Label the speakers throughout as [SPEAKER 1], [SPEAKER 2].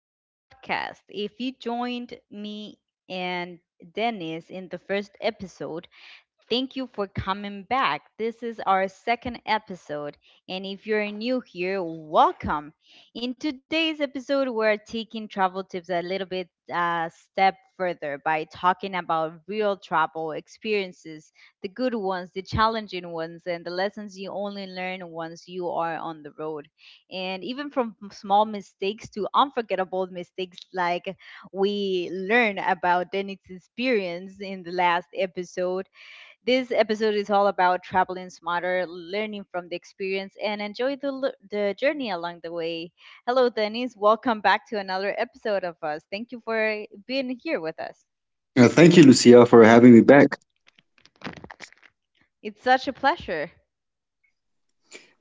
[SPEAKER 1] to the podcast. If you joined me and Dennis in the first episode, thank you for coming back. This is our second episode, and if you're new here, welcome. In today's episode, we're taking travel tips a little bit step further by talking about real travel experiences, the good ones, the challenging ones, and the lessons you only learn once you are on the road. And even from small mistakes to unforgettable mistakes like we learn about Dennis' experience in the last episode, this episode is all about traveling smarter, learning from the experience, and enjoy the journey along the way. Hello, Denise. Welcome back to another episode of us. Thank you for being here with us.
[SPEAKER 2] Thank you, Lucia, for having me back.
[SPEAKER 1] It's such a pleasure.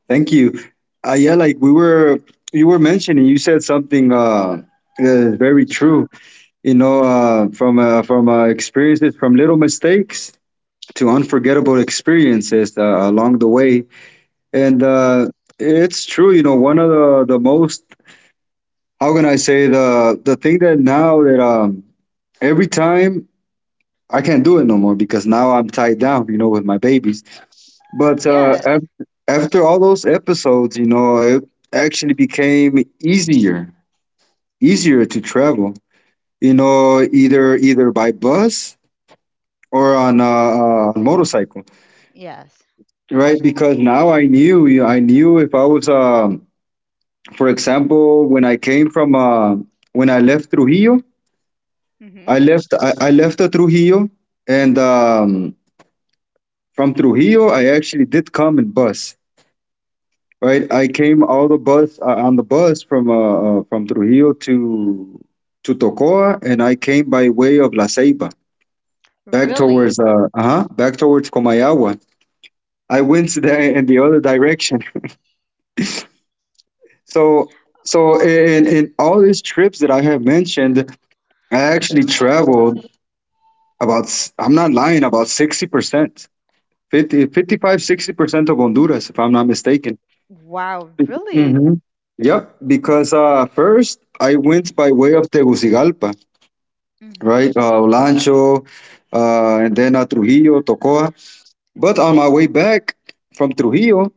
[SPEAKER 2] Thank you. Yeah, like you were mentioning, you said something that is very true. You know, from experiences, from little mistakes to unforgettable experiences along the way, and it's true. You know, one of the most, how can I say, the thing that, now that every time, I can't do it no more because now I'm tied down. You know, with my babies. But uh, af-
[SPEAKER 1] Yes.
[SPEAKER 2] After all those episodes, you know, it actually became easier, easier to travel. You know, either by bus or on a motorcycle,
[SPEAKER 1] Yes.
[SPEAKER 2] right? Because now I knew, you I knew if I was, for example, when I came from, when I left Trujillo,
[SPEAKER 1] Mm-hmm.
[SPEAKER 2] I left, I left Trujillo, and from Trujillo, I actually did come in bus. Right, I came all the bus on the bus from Trujillo to Tocoa, and I came by way of La Ceiba
[SPEAKER 1] Really?
[SPEAKER 2] back towards Comayagua. I went to the, in the other direction. So so in all these trips that I have mentioned, I actually
[SPEAKER 1] Mm-hmm.
[SPEAKER 2] traveled I'm not lying, about 60%, 50, 55, 60% of Honduras, if I'm not mistaken.
[SPEAKER 1] Wow, really?
[SPEAKER 2] Mm-hmm. Yep, because first I went by way of Tegucigalpa,
[SPEAKER 1] Mm-hmm.
[SPEAKER 2] right? Olancho, and then Trujillo, Tocoa. But on my way back from Trujillo,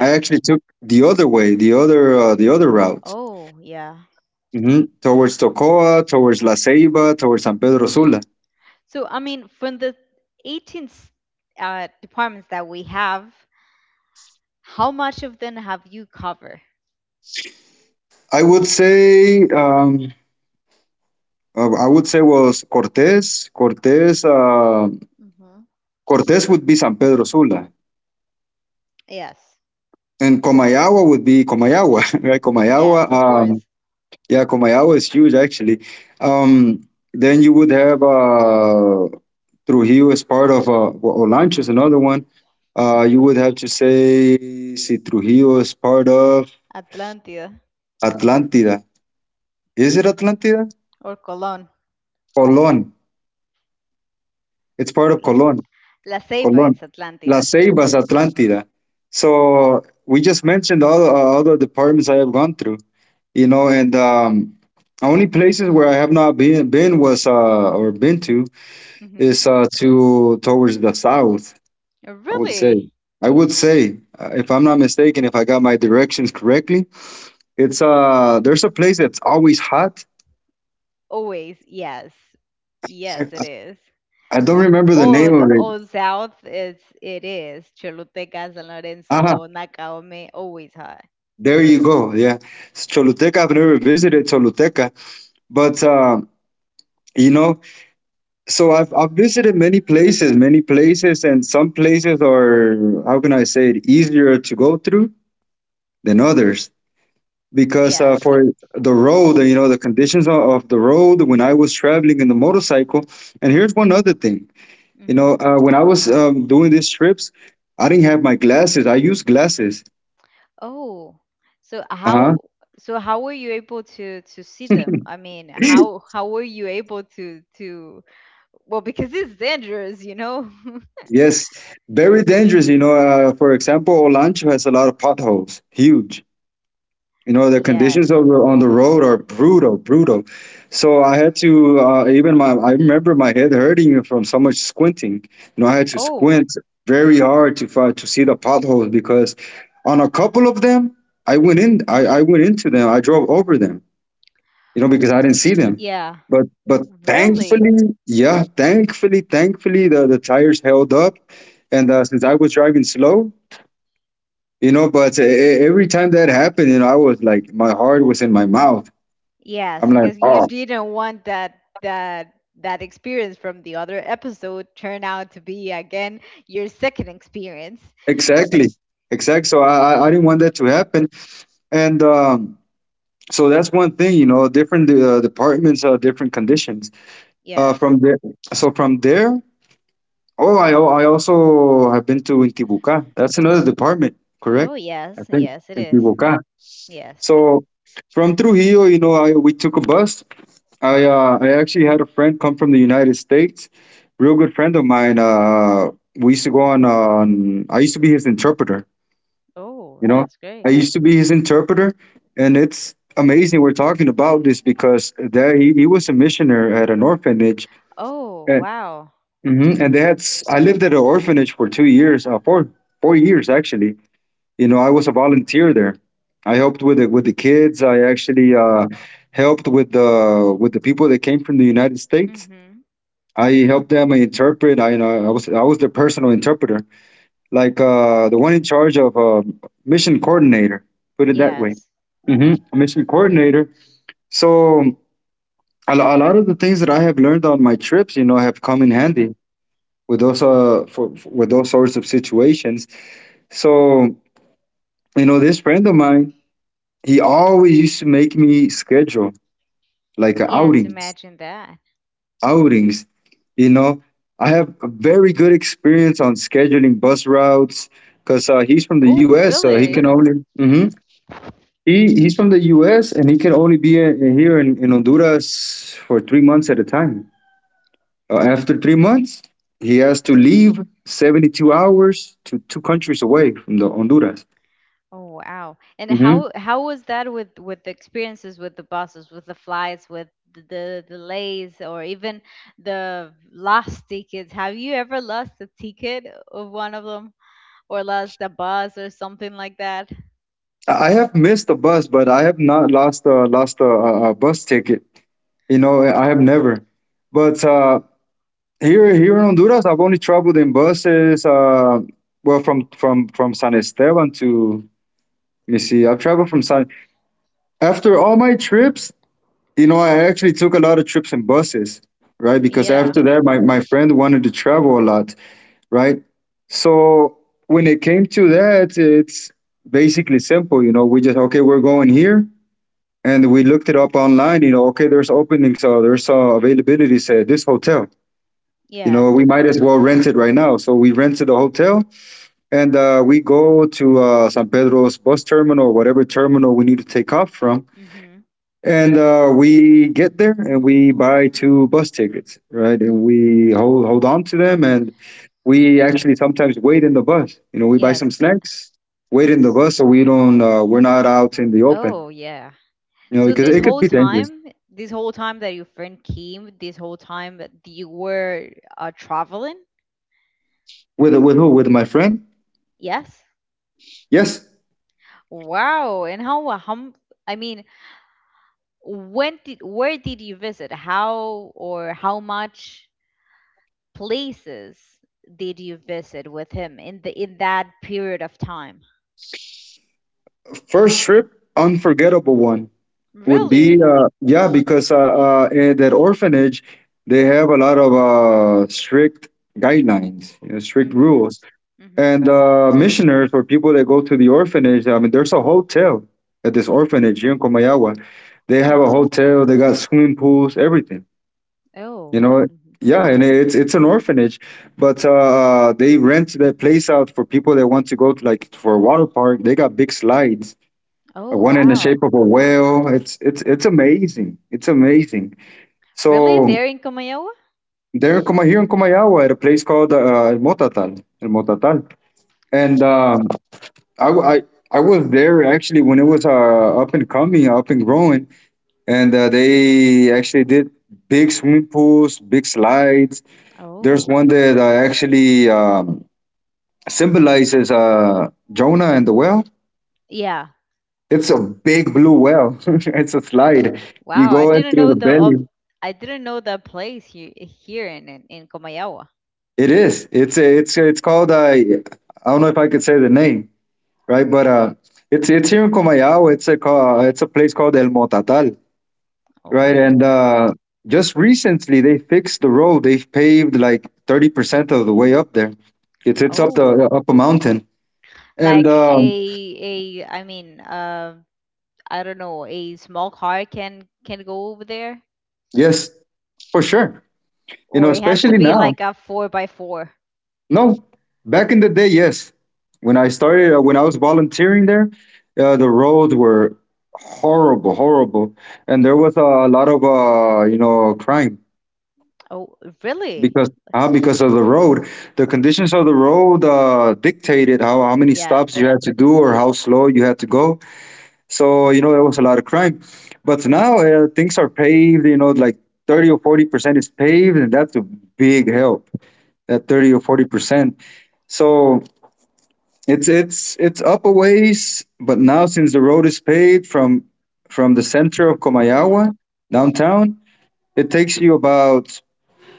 [SPEAKER 2] I actually took the other way, the other route,
[SPEAKER 1] Oh, yeah.
[SPEAKER 2] hmm, towards Tocoa, towards La Ceiba, towards San Pedro Sula.
[SPEAKER 1] So, I mean, from the 18 departments that we have, how much of them have you covered?
[SPEAKER 2] I would say, I would say was Cortés. Cortés would be San Pedro Sula,
[SPEAKER 1] Yes,
[SPEAKER 2] and Komayawa would be Komayawa, right?
[SPEAKER 1] yes, of course.
[SPEAKER 2] Yeah, Komayawa is huge actually. Um, then you would have Trujillo as part of, well, Olancho is another one. You would have to say, see Trujillo is part of
[SPEAKER 1] Atlantida
[SPEAKER 2] Atlantida. Is it Atlantida?
[SPEAKER 1] or Colon.
[SPEAKER 2] Colon. It's part of
[SPEAKER 1] Las-
[SPEAKER 2] Colon.
[SPEAKER 1] La Ceiba,
[SPEAKER 2] Colon.
[SPEAKER 1] it's
[SPEAKER 2] La
[SPEAKER 1] Atlantida.
[SPEAKER 2] Ceiba, Atlantida. So we just mentioned all the departments I have gone through. You know and only places where I have not been was uh, or been to,
[SPEAKER 1] Hmm.
[SPEAKER 2] is to towards the south. I would say,
[SPEAKER 1] Really?
[SPEAKER 2] I would say if I'm not mistaken, if I got my directions correctly, it's there's a place that's always hot.
[SPEAKER 1] Always, yes.
[SPEAKER 2] i,
[SPEAKER 1] Yes,
[SPEAKER 2] I
[SPEAKER 1] it is.
[SPEAKER 2] I don't remember the name
[SPEAKER 1] Old,
[SPEAKER 2] of it.
[SPEAKER 1] old South, it's, it is. Choluteca, San
[SPEAKER 2] Uh-huh.
[SPEAKER 1] Lorenzo, Nakaome, always hot.
[SPEAKER 2] There you go, yeah. It's Choluteca. I've never visited Choluteca, but you know. So I've visited many places, and some places are, how can I say, it easier to go through than others because for
[SPEAKER 1] Yes.
[SPEAKER 2] the road, you know, the conditions of the road when I was traveling in the motorcycle. And here's one other thing, you know,
[SPEAKER 1] Hmm.
[SPEAKER 2] when I was doing these trips, I didn't have my glasses. I used glasses.
[SPEAKER 1] Oh, so
[SPEAKER 2] Uh
[SPEAKER 1] how, so how were you able to see them? I mean,
[SPEAKER 2] huh.
[SPEAKER 1] how were you able to, well, because it's dangerous, you know?
[SPEAKER 2] Yes, very dangerous. You know, for example, Olancho has a lot of potholes, huge. You know, the conditions
[SPEAKER 1] Yes.
[SPEAKER 2] of the, on the road are brutal, brutal. So I had to even my I remember my head hurting from so much squinting. You know, I had to
[SPEAKER 1] Oh,
[SPEAKER 2] squint very hard to see the potholes because on a couple of them, I went in, I went into them. I drove over them. You know, because I didn't see them.
[SPEAKER 1] yeah.
[SPEAKER 2] But thankfully,
[SPEAKER 1] Really?
[SPEAKER 2] yeah, thankfully, thankfully the tires held up. And since I was driving slow, you know. But every time that happened, you know, I was like, my heart was in my mouth.
[SPEAKER 1] Yes,
[SPEAKER 2] I'm like,
[SPEAKER 1] because you
[SPEAKER 2] oh,
[SPEAKER 1] didn't want that that experience from the other episode turn out to be again your second experience.
[SPEAKER 2] exactly, exact. So I didn't want that to happen, and so that's one thing, you know. Different departments are different conditions. Uh,
[SPEAKER 1] Yes.
[SPEAKER 2] from there, so from there, oh, I also have been to Intibucá. That's another department, correct?
[SPEAKER 1] Oh
[SPEAKER 2] I
[SPEAKER 1] yes,
[SPEAKER 2] think
[SPEAKER 1] yes it is.
[SPEAKER 2] Intibucá.
[SPEAKER 1] Yes.
[SPEAKER 2] So from Trujillo, you know, we took a bus. I actually had a friend come from the United States, real good friend of mine. We used to go on, on. I used to be his interpreter. You
[SPEAKER 1] Oh,
[SPEAKER 2] know,
[SPEAKER 1] that's
[SPEAKER 2] I
[SPEAKER 1] great.
[SPEAKER 2] used to be his interpreter, and it's amazing we're talking about this because there he was a missioner at an orphanage,
[SPEAKER 1] Oh,
[SPEAKER 2] and,
[SPEAKER 1] wow.
[SPEAKER 2] mhm, and they had. I lived at an orphanage for 2 years, uh, four years actually. You know, I was a volunteer there. I helped with the kids. I actually helped with the people that came from the United States.
[SPEAKER 1] Mhm.
[SPEAKER 2] I helped them interpret. I, you know, I was their personal interpreter, like the one in charge of mission coordinator. Put it that way,
[SPEAKER 1] Yes.
[SPEAKER 2] hmm, mission coordinator. So a lot of the things that I have learned on my trips, you know, have come in handy with those with those sorts of situations. So you know, this friend of mine, he always used to make me schedule, like,
[SPEAKER 1] Yes,
[SPEAKER 2] outings,
[SPEAKER 1] imagine that.
[SPEAKER 2] outings. You know, I have a very good experience on scheduling bus routes because he's from the
[SPEAKER 1] Oh,
[SPEAKER 2] U.S. So he
[SPEAKER 1] really?
[SPEAKER 2] can only, hmm, he's from the U.S. and he can only be here in Honduras for 3 months at a time. After 3 months, he has to leave, 72 hours, to two countries away from the Honduras.
[SPEAKER 1] Oh wow. And
[SPEAKER 2] Hmm.
[SPEAKER 1] how was that with the experiences with the buses, with the flights, with the delays or even the lost tickets? Have you ever lost a ticket of one of them or lost a bus or something like that?
[SPEAKER 2] I have missed a bus, but I have not lost a bus ticket. You know, I have never. But Here, here in Honduras, I've only traveled in buses. Well, from San Esteban to, let me see. I've traveled from San. After all my trips, you know, I actually took a lot of trips in buses, right? Because
[SPEAKER 1] Yeah.
[SPEAKER 2] after that, my friend wanted to travel a lot, right? So when it came to that, it's basically simple. You know, we just, okay, we're going here, and we looked it up online. You know, okay, there's openings, there's availability at this hotel. You know,
[SPEAKER 1] Yes.
[SPEAKER 2] we might as well rent it right now. So we rented a hotel, and we go to San Pedro's bus terminal, or whatever terminal we need to take off from.
[SPEAKER 1] Mhm.
[SPEAKER 2] And we get there and we buy two bus tickets, right? And we hold on to them. And we actually sometimes wait in the bus. You know, we buy
[SPEAKER 1] Yes.
[SPEAKER 2] some snacks, wait in the
[SPEAKER 1] S-
[SPEAKER 2] bus so we don't, we're not out in the open,
[SPEAKER 1] Oh yeah.
[SPEAKER 2] you know,
[SPEAKER 1] So
[SPEAKER 2] because it could be dangerous.
[SPEAKER 1] this whole time that your friend came, this whole time that you were traveling?
[SPEAKER 2] With who? With my friend?
[SPEAKER 1] Yes.
[SPEAKER 2] Yes.
[SPEAKER 1] Wow. And I mean, when did, where did you visit, how or how much places did you visit with him in the in that period of time?
[SPEAKER 2] First trip, unforgettable one, would be
[SPEAKER 1] Really?
[SPEAKER 2] yeah, because in that orphanage they have a lot of strict guidelines, you know, strict
[SPEAKER 1] Mhm.
[SPEAKER 2] rules, and
[SPEAKER 1] Mhm.
[SPEAKER 2] missioners or people that go to the orphanage, I mean, there's a hotel at this orphanage here in Komayawa. They have a
[SPEAKER 1] Mhm.
[SPEAKER 2] hotel, they got swimming pools, everything, you
[SPEAKER 1] Oh.
[SPEAKER 2] know.
[SPEAKER 1] Mhm.
[SPEAKER 2] Yeah, and it's an orphanage, but they rent that place out for people that want to go to, like, for a water park. They got big slides,
[SPEAKER 1] Oh
[SPEAKER 2] one in the
[SPEAKER 1] wow.
[SPEAKER 2] shape of a whale. It's amazing. It's amazing.
[SPEAKER 1] Really
[SPEAKER 2] So
[SPEAKER 1] there in Comayowa?
[SPEAKER 2] there in Kuma here in Kumayawa at a place called El Motatal, El Motatal, and, I, w- I I was there actually when it was up and coming, up and growing, and they actually did big swimming pools, big slides. There's
[SPEAKER 1] Oh.
[SPEAKER 2] one that actually symbolizes Jonah and the whale.
[SPEAKER 1] Yeah.
[SPEAKER 2] It's a big blue whale. It's a slide. You
[SPEAKER 1] Wow, I
[SPEAKER 2] go in
[SPEAKER 1] didn't
[SPEAKER 2] through
[SPEAKER 1] know
[SPEAKER 2] the
[SPEAKER 1] the of,
[SPEAKER 2] belly.
[SPEAKER 1] I didn't know the place here, in Comayowa.
[SPEAKER 2] It is. It's a, it's it's called. I don't know if I could say the name, right? But It's here in Comayao. It's a it's a place called El Motatal, right? And
[SPEAKER 1] Oh.
[SPEAKER 2] just recently they fixed the road. They've paved like 30% of the way up there. It's up
[SPEAKER 1] Oh,
[SPEAKER 2] the up a mountain. And
[SPEAKER 1] like a, a i mean um I don't know, a small car can go over there,
[SPEAKER 2] yes, for sure. You know,
[SPEAKER 1] or it has to
[SPEAKER 2] especially
[SPEAKER 1] be
[SPEAKER 2] now.
[SPEAKER 1] like a four by four.
[SPEAKER 2] No, back in the day, yes. When I started, when I was volunteering there, the roads were horrible, horrible, and there was a lot of you know, crime
[SPEAKER 1] Oh, really?
[SPEAKER 2] because of the road. The conditions of the road dictated how many stops
[SPEAKER 1] Yes.
[SPEAKER 2] you had to do or how slow you had to go. So you know, there was a lot of crime. But now things are paved. You know, like 30 or 40% is paved, and that's a big help. That 30 or 40%. So it's up a ways, but now since the road is paved from the center of
[SPEAKER 1] Mm-hmm.
[SPEAKER 2] Komayawa downtown, it takes you about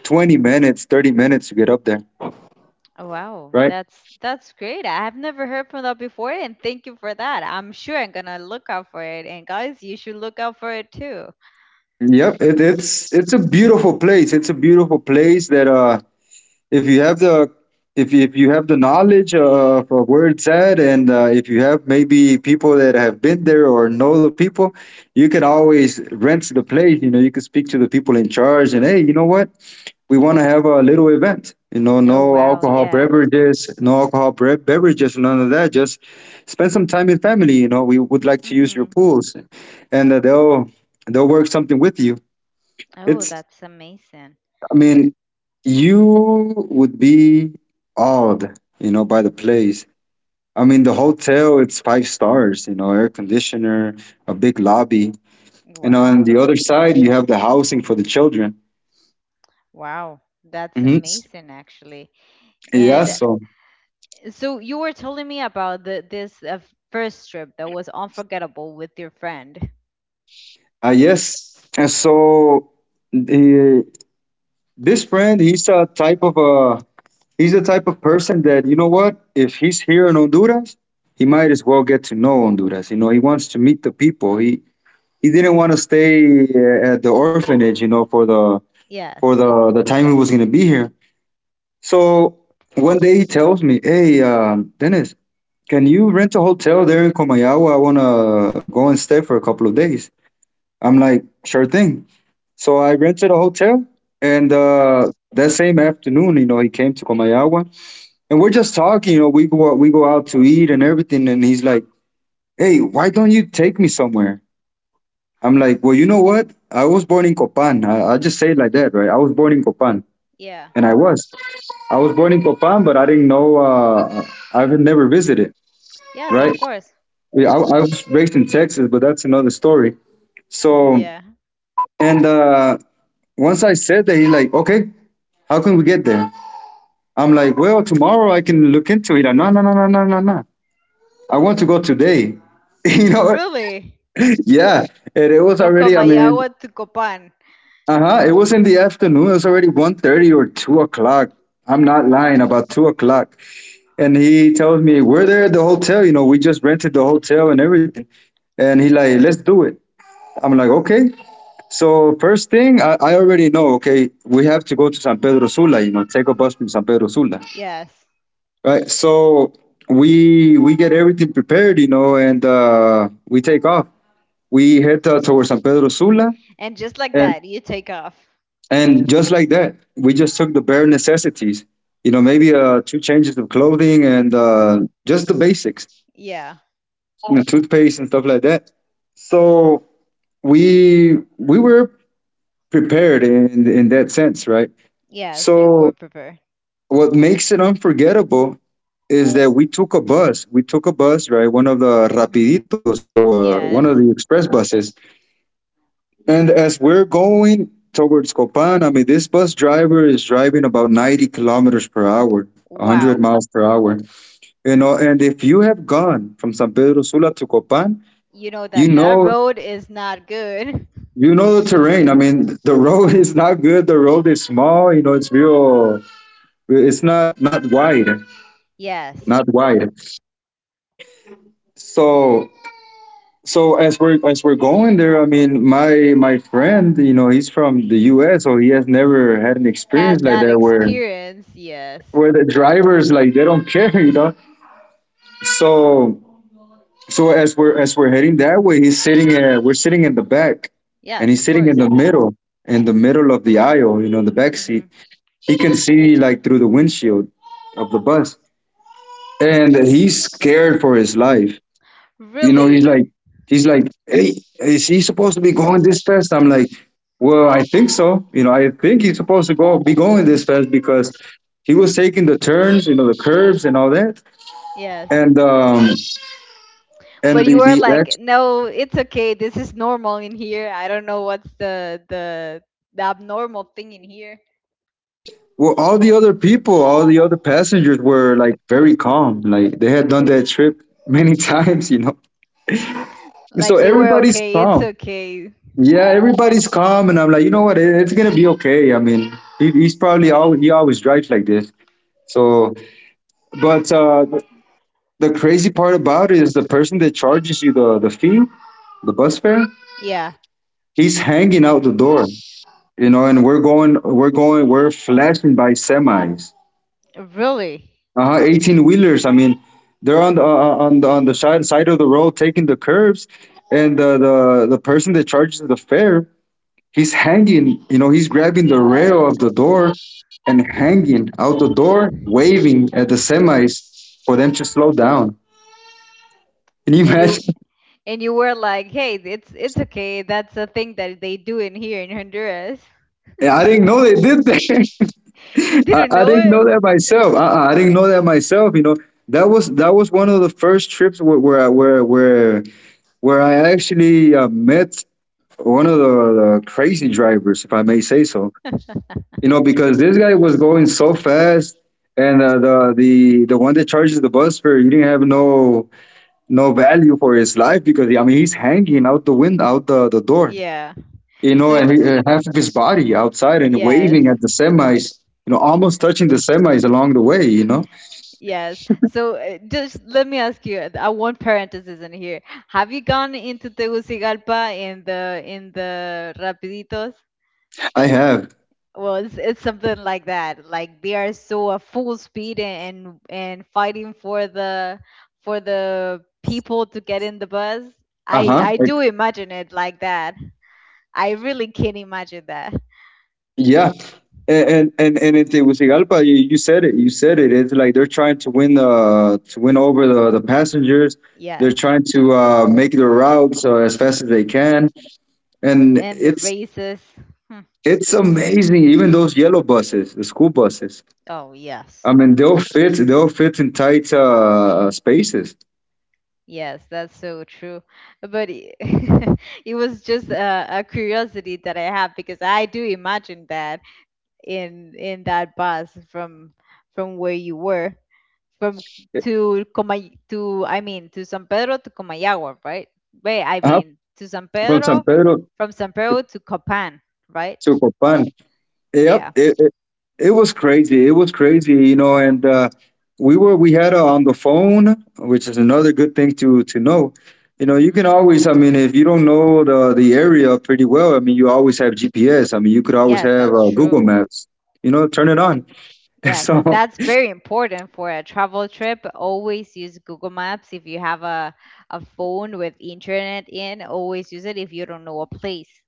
[SPEAKER 2] 20 minutes, 30 minutes to get up there.
[SPEAKER 1] Wow,
[SPEAKER 2] Right?
[SPEAKER 1] that's great. I have never heard from that before, and thank you for that. I'm sure I'm gonna look out for it, and guys, you should look out for it too.
[SPEAKER 2] Yep. It,
[SPEAKER 1] Ye-
[SPEAKER 2] it's it's a beautiful place. It's a beautiful place that if you have the if you have the knowledge of where it's at, and if you have maybe people that have been there or know the people, you can always rent the place. You know, you can speak to the people in charge, and hey, you know what? We want to have a little event,
[SPEAKER 1] oh
[SPEAKER 2] no
[SPEAKER 1] wow,
[SPEAKER 2] alcohol
[SPEAKER 1] yeah.
[SPEAKER 2] beverages, no beverages, none of that, just spend some time in family. You know, we would like to use your
[SPEAKER 1] Mm-hmm.
[SPEAKER 2] pools, and they'll work something with you.
[SPEAKER 1] Oh,
[SPEAKER 2] It's,
[SPEAKER 1] that's amazing.
[SPEAKER 2] I mean, you would be awed, you know, by the place. I mean, the hotel, it's five stars, you know, air conditioner, a big lobby, and on
[SPEAKER 1] Wow,
[SPEAKER 2] the other side you have the housing for the children.
[SPEAKER 1] wow, that's
[SPEAKER 2] Hmm.
[SPEAKER 1] amazing actually.
[SPEAKER 2] Yeah,
[SPEAKER 1] And
[SPEAKER 2] so
[SPEAKER 1] so you were telling me about the this first trip that was unforgettable with your friend.
[SPEAKER 2] Yes. And so the, this friend, he's a type of a he's a type of person that, you know what? If he's here in Honduras, he might as well get to know Honduras. You know, he wants to meet the people. He didn't want to stay at the orphanage, you know, for the for
[SPEAKER 1] Yes.
[SPEAKER 2] the time he was gonna be here. So one day he tells me, "Hey, Dennis, can you rent a hotel there in Comayagua? I wanna go and stay for a couple of days." I'm like, "Sure thing." So I rented a hotel, and
[SPEAKER 1] Hmm.
[SPEAKER 2] that same afternoon, you know, he came to Comayagua, and we're just talking. You know, we go out to eat and everything, and he's like, "Hey, why don't you take me somewhere?" I'm like, "Well, you know what? I was born in Copan. I just say it like that, right? I was born in Copan,
[SPEAKER 1] Yeah.
[SPEAKER 2] and I was. I was born in Copan, but I didn't know. I've never visited,
[SPEAKER 1] Yes,
[SPEAKER 2] right?
[SPEAKER 1] of course.
[SPEAKER 2] Yeah, I was raised in Texas, but that's another story." So,
[SPEAKER 1] Yeah.
[SPEAKER 2] and once I said that, he's like, "Okay, how can we get there?" I'm like, well, tomorrow I can look into it. Like, no, no, no, no, no, no, no. I want to go today. you know,
[SPEAKER 1] Really?
[SPEAKER 2] yeah. And it was
[SPEAKER 1] From
[SPEAKER 2] already, I mean,
[SPEAKER 1] Comayawa to Copan.
[SPEAKER 2] uh huh. it was in the afternoon. It was already 1:30 or 2 o'clock. I'm not lying. About 2 o'clock. And he tells me we're there at the hotel. You know, we just rented the hotel and everything. And he like, let's do it. I'm like, okay. So first thing, I already know. Okay, we have to go to San Pedro Sula. You know, take a bus from San Pedro Sula.
[SPEAKER 1] Yes.
[SPEAKER 2] Right. So we get everything prepared, you know, and we take off. We head towards San Pedro Sula,
[SPEAKER 1] And just like
[SPEAKER 2] and
[SPEAKER 1] that, you take off.
[SPEAKER 2] and just like that, we just took the bare necessities. You know, maybe two changes of clothing and just the basics,
[SPEAKER 1] Yeah.
[SPEAKER 2] you know, toothpaste and stuff like that. So we were prepared in that sense, right?
[SPEAKER 1] Yes, you were
[SPEAKER 2] So
[SPEAKER 1] prepared.
[SPEAKER 2] what makes it unforgettable is that we took a bus. We took a bus, right? One of the Rapiditos or one of
[SPEAKER 1] Yes.
[SPEAKER 2] the express buses. And as we're going towards Copan, I mean, this bus driver is driving about 90 kilometers per hour, 100
[SPEAKER 1] Wow.
[SPEAKER 2] miles per hour. You know, and if you have gone from San Pedro Sula to Copan,
[SPEAKER 1] You know
[SPEAKER 2] you
[SPEAKER 1] that that
[SPEAKER 2] know,
[SPEAKER 1] road is not good.
[SPEAKER 2] you know the terrain. I mean, the road is not good. The road is small. You know, it's real. It's not wide,
[SPEAKER 1] Yes.
[SPEAKER 2] not wide. So, so as we're going there, I mean, my friend, you know, he's from the U.S., so he has never had an experience
[SPEAKER 1] Had
[SPEAKER 2] like
[SPEAKER 1] that
[SPEAKER 2] that where
[SPEAKER 1] experience. Yes.
[SPEAKER 2] the drivers like they don't care, you know. So, so as we're heading that way, he's sitting at we're sitting in the back, and
[SPEAKER 1] Yes,
[SPEAKER 2] he's
[SPEAKER 1] of
[SPEAKER 2] sitting in
[SPEAKER 1] course.
[SPEAKER 2] the middle of the aisle, you know, in the back seat.
[SPEAKER 1] Hmm.
[SPEAKER 2] He can see like through the windshield of the bus, and he's scared for his life. You know,
[SPEAKER 1] Really?
[SPEAKER 2] he's like, hey, is he supposed to be going this fast? I'm like, well, I think so. You know, I think he's supposed to go be going this fast because he was taking the turns, you know, the curves and all that,
[SPEAKER 1] Yes.
[SPEAKER 2] and um, and
[SPEAKER 1] But you were
[SPEAKER 2] the ex.
[SPEAKER 1] like, no, it's okay. This is normal in here. I don't know what's the abnormal thing in here.
[SPEAKER 2] Well, all the other people, all the other passengers were like very calm. Like they had done that trip many times, you know. So
[SPEAKER 1] Like they were
[SPEAKER 2] everybody's
[SPEAKER 1] okay. It's
[SPEAKER 2] calm.
[SPEAKER 1] okay.
[SPEAKER 2] Yeah, everybody's calm, and I'm like, you know what? It's gonna be okay. I mean, he's probably all he always drives like this. So, but the crazy part about it is the person that charges you the fee, the bus fare.
[SPEAKER 1] Yeah.
[SPEAKER 2] He's hanging out the door, you know, and we're going, we're flashing by semis,
[SPEAKER 1] Really?
[SPEAKER 2] 18 wheelers. I mean, they're on on the side of the road taking the curves, and the person that charges the fare, he's hanging, you know, he's grabbing the rail of the door and hanging out the door, waving at the semis for them to slow down. Can you
[SPEAKER 1] And you
[SPEAKER 2] imagine?
[SPEAKER 1] and you were like, hey, it's okay. That's a thing that they do in here in Honduras.
[SPEAKER 2] Yeah, I didn't know they did that.
[SPEAKER 1] You
[SPEAKER 2] I,
[SPEAKER 1] didn't
[SPEAKER 2] I didn't
[SPEAKER 1] know.
[SPEAKER 2] know that myself. I didn't know that myself. You know, that was one of the first trips where I actually met one of the crazy drivers, if I may say so. You know, because this guy was going so fast, and the one that charges the bus fare, he didn't have no value for his life because, I mean, he's hanging out the wind out the door,
[SPEAKER 1] Yeah.
[SPEAKER 2] you know,
[SPEAKER 1] So
[SPEAKER 2] and half of his body outside and
[SPEAKER 1] yes,
[SPEAKER 2] waving at the semis, you know, almost touching the semis along the way, you know.
[SPEAKER 1] yes. So just let me ask you. I want parenthesis in here. Have you gone into Tegucigalpa in the Rapiditos?
[SPEAKER 2] I have.
[SPEAKER 1] Well, it's something like that. Like they are so at full speed and fighting for the people to get in the bus.
[SPEAKER 2] Uh-huh.
[SPEAKER 1] I do imagine it like that. I really can imagine that.
[SPEAKER 2] Yeah. And in Tegucigalpa, you said it. You said it. It's like they're trying to win the to win over the passengers. They're
[SPEAKER 1] Yes.
[SPEAKER 2] trying to make their routes as fast as they can, and
[SPEAKER 1] And the races. Hmm.
[SPEAKER 2] it's amazing. Even those yellow buses, the school buses.
[SPEAKER 1] Oh yes.
[SPEAKER 2] I mean, they'll fit. They'll fit in tight spaces.
[SPEAKER 1] Yes, that's so true. But it, it was just a curiosity that I have because I do imagine that in that bus from where you were from to Comay to, I mean to San Pedro to Comayagua, right? Wait, I
[SPEAKER 2] Uh-huh.
[SPEAKER 1] mean to San
[SPEAKER 2] From
[SPEAKER 1] Pedro,
[SPEAKER 2] San Pedro,
[SPEAKER 1] from San Pedro to Copan, right?
[SPEAKER 2] super fun. Yep,
[SPEAKER 1] Yeah.
[SPEAKER 2] it was crazy. It was crazy, you know. And we had on the phone, which is another good thing to know. You know, you
[SPEAKER 1] Hmm.
[SPEAKER 2] can always, I mean, if you don't know the area pretty well, I mean, you always have GPS. I mean, you could always
[SPEAKER 1] Yes,
[SPEAKER 2] have
[SPEAKER 1] that's
[SPEAKER 2] Google
[SPEAKER 1] true.
[SPEAKER 2] Maps. You know, turn it on.
[SPEAKER 1] Yes, and
[SPEAKER 2] So
[SPEAKER 1] that's very important for a travel trip. Always use Google Maps. If you have a phone with internet in, always use it if you don't know a place.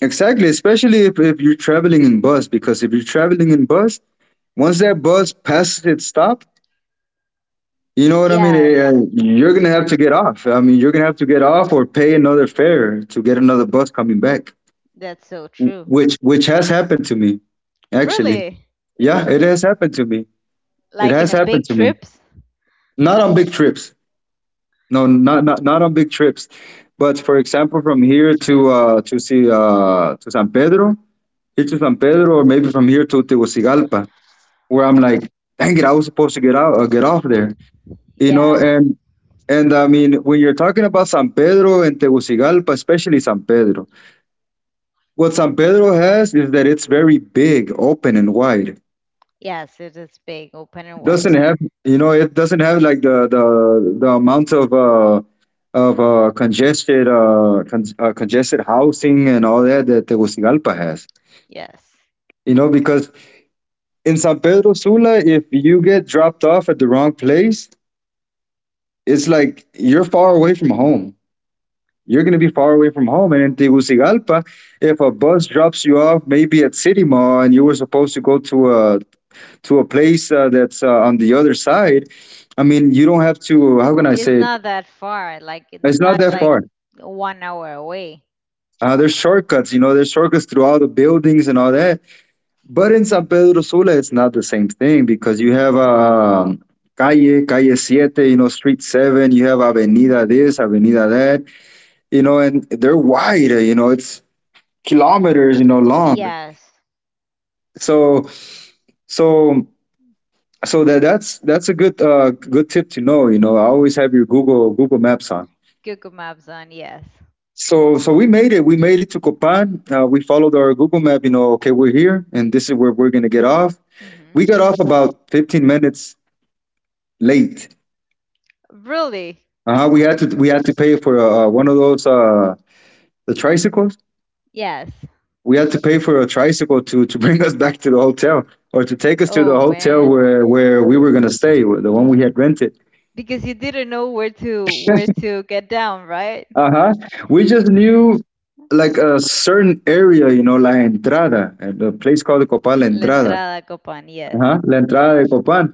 [SPEAKER 2] exactly, especially if you're traveling in bus, because if you're traveling in bus, once that bus passes its stop, you know what I mean?
[SPEAKER 1] Yes,
[SPEAKER 2] You're gonna have to get off. I mean, you're gonna have to get off or pay another fare to get another bus coming back,
[SPEAKER 1] that's so true.
[SPEAKER 2] which has happened to me, actually.
[SPEAKER 1] Really?
[SPEAKER 2] Yeah, it has happened to me. It
[SPEAKER 1] Like in
[SPEAKER 2] has
[SPEAKER 1] a
[SPEAKER 2] happened
[SPEAKER 1] big
[SPEAKER 2] to me.
[SPEAKER 1] trips?
[SPEAKER 2] Not on big trips. No, not on big trips. But for example, from here to see to San Pedro, here to
[SPEAKER 1] Mm-hmm.
[SPEAKER 2] San Pedro, or maybe from here to Tegucigalpa, where I'm like, dang it, I was supposed to get off there, you know,
[SPEAKER 1] Yes.
[SPEAKER 2] and I mean, when you're talking about San Pedro and Tegucigalpa, especially San Pedro, what San Pedro has is that it's very big, open, and wide.
[SPEAKER 1] Yes, it is big, open and wide.
[SPEAKER 2] Doesn't have, You know, it doesn't have like the amount of congested housing and all that that Tegucigalpa has.
[SPEAKER 1] Yes.
[SPEAKER 2] You know, because in San Pedro Sula, if you get dropped off at the wrong place, it's like you're far away from home. You're going to be far away from home. And in Tegucigalpa, if a bus drops you off maybe at City Mall and you were supposed to go to a place that's on the other side, I mean, you don't have to. How can I say
[SPEAKER 1] It's
[SPEAKER 2] it?
[SPEAKER 1] not that far. Like it's
[SPEAKER 2] It's not
[SPEAKER 1] not
[SPEAKER 2] that
[SPEAKER 1] like
[SPEAKER 2] far.
[SPEAKER 1] 1 hour away.
[SPEAKER 2] There's shortcuts, you know, there's shortcuts throughout the buildings and all that. But in San Pedro Sula, it's not the same thing because you have
[SPEAKER 1] Mm-hmm.
[SPEAKER 2] calle siete, you know, street seven, you have avenida this, avenida that, you know, and they're wide, you know, it's kilometers, you know, long.
[SPEAKER 1] Yes.
[SPEAKER 2] so so so that's a good good tip to know. You know, I always have your Google Maps on.
[SPEAKER 1] Google Maps on, yes.
[SPEAKER 2] So we made it to Copan. We followed our Google Map, you know. Okay, we're here, and this is where we're gonna get off.
[SPEAKER 1] Mm-hmm.
[SPEAKER 2] We got off about 15 minutes late.
[SPEAKER 1] Really?
[SPEAKER 2] Uh-huh, we had to pay for one of those the tricycles.
[SPEAKER 1] Yes.
[SPEAKER 2] We had to pay for a tricycle to bring us back to the hotel, or to take us to the
[SPEAKER 1] Oh
[SPEAKER 2] hotel
[SPEAKER 1] man,
[SPEAKER 2] where we were gonna stay, the one we had rented.
[SPEAKER 1] because you didn't know where to get down, right?
[SPEAKER 2] Uh-huh, we just knew like a certain area, you know, La Entrada, and a place called the Copan La
[SPEAKER 1] La
[SPEAKER 2] Entrada.
[SPEAKER 1] entrada a Copan, yes.
[SPEAKER 2] Uh-huh, La Entrada de Copan.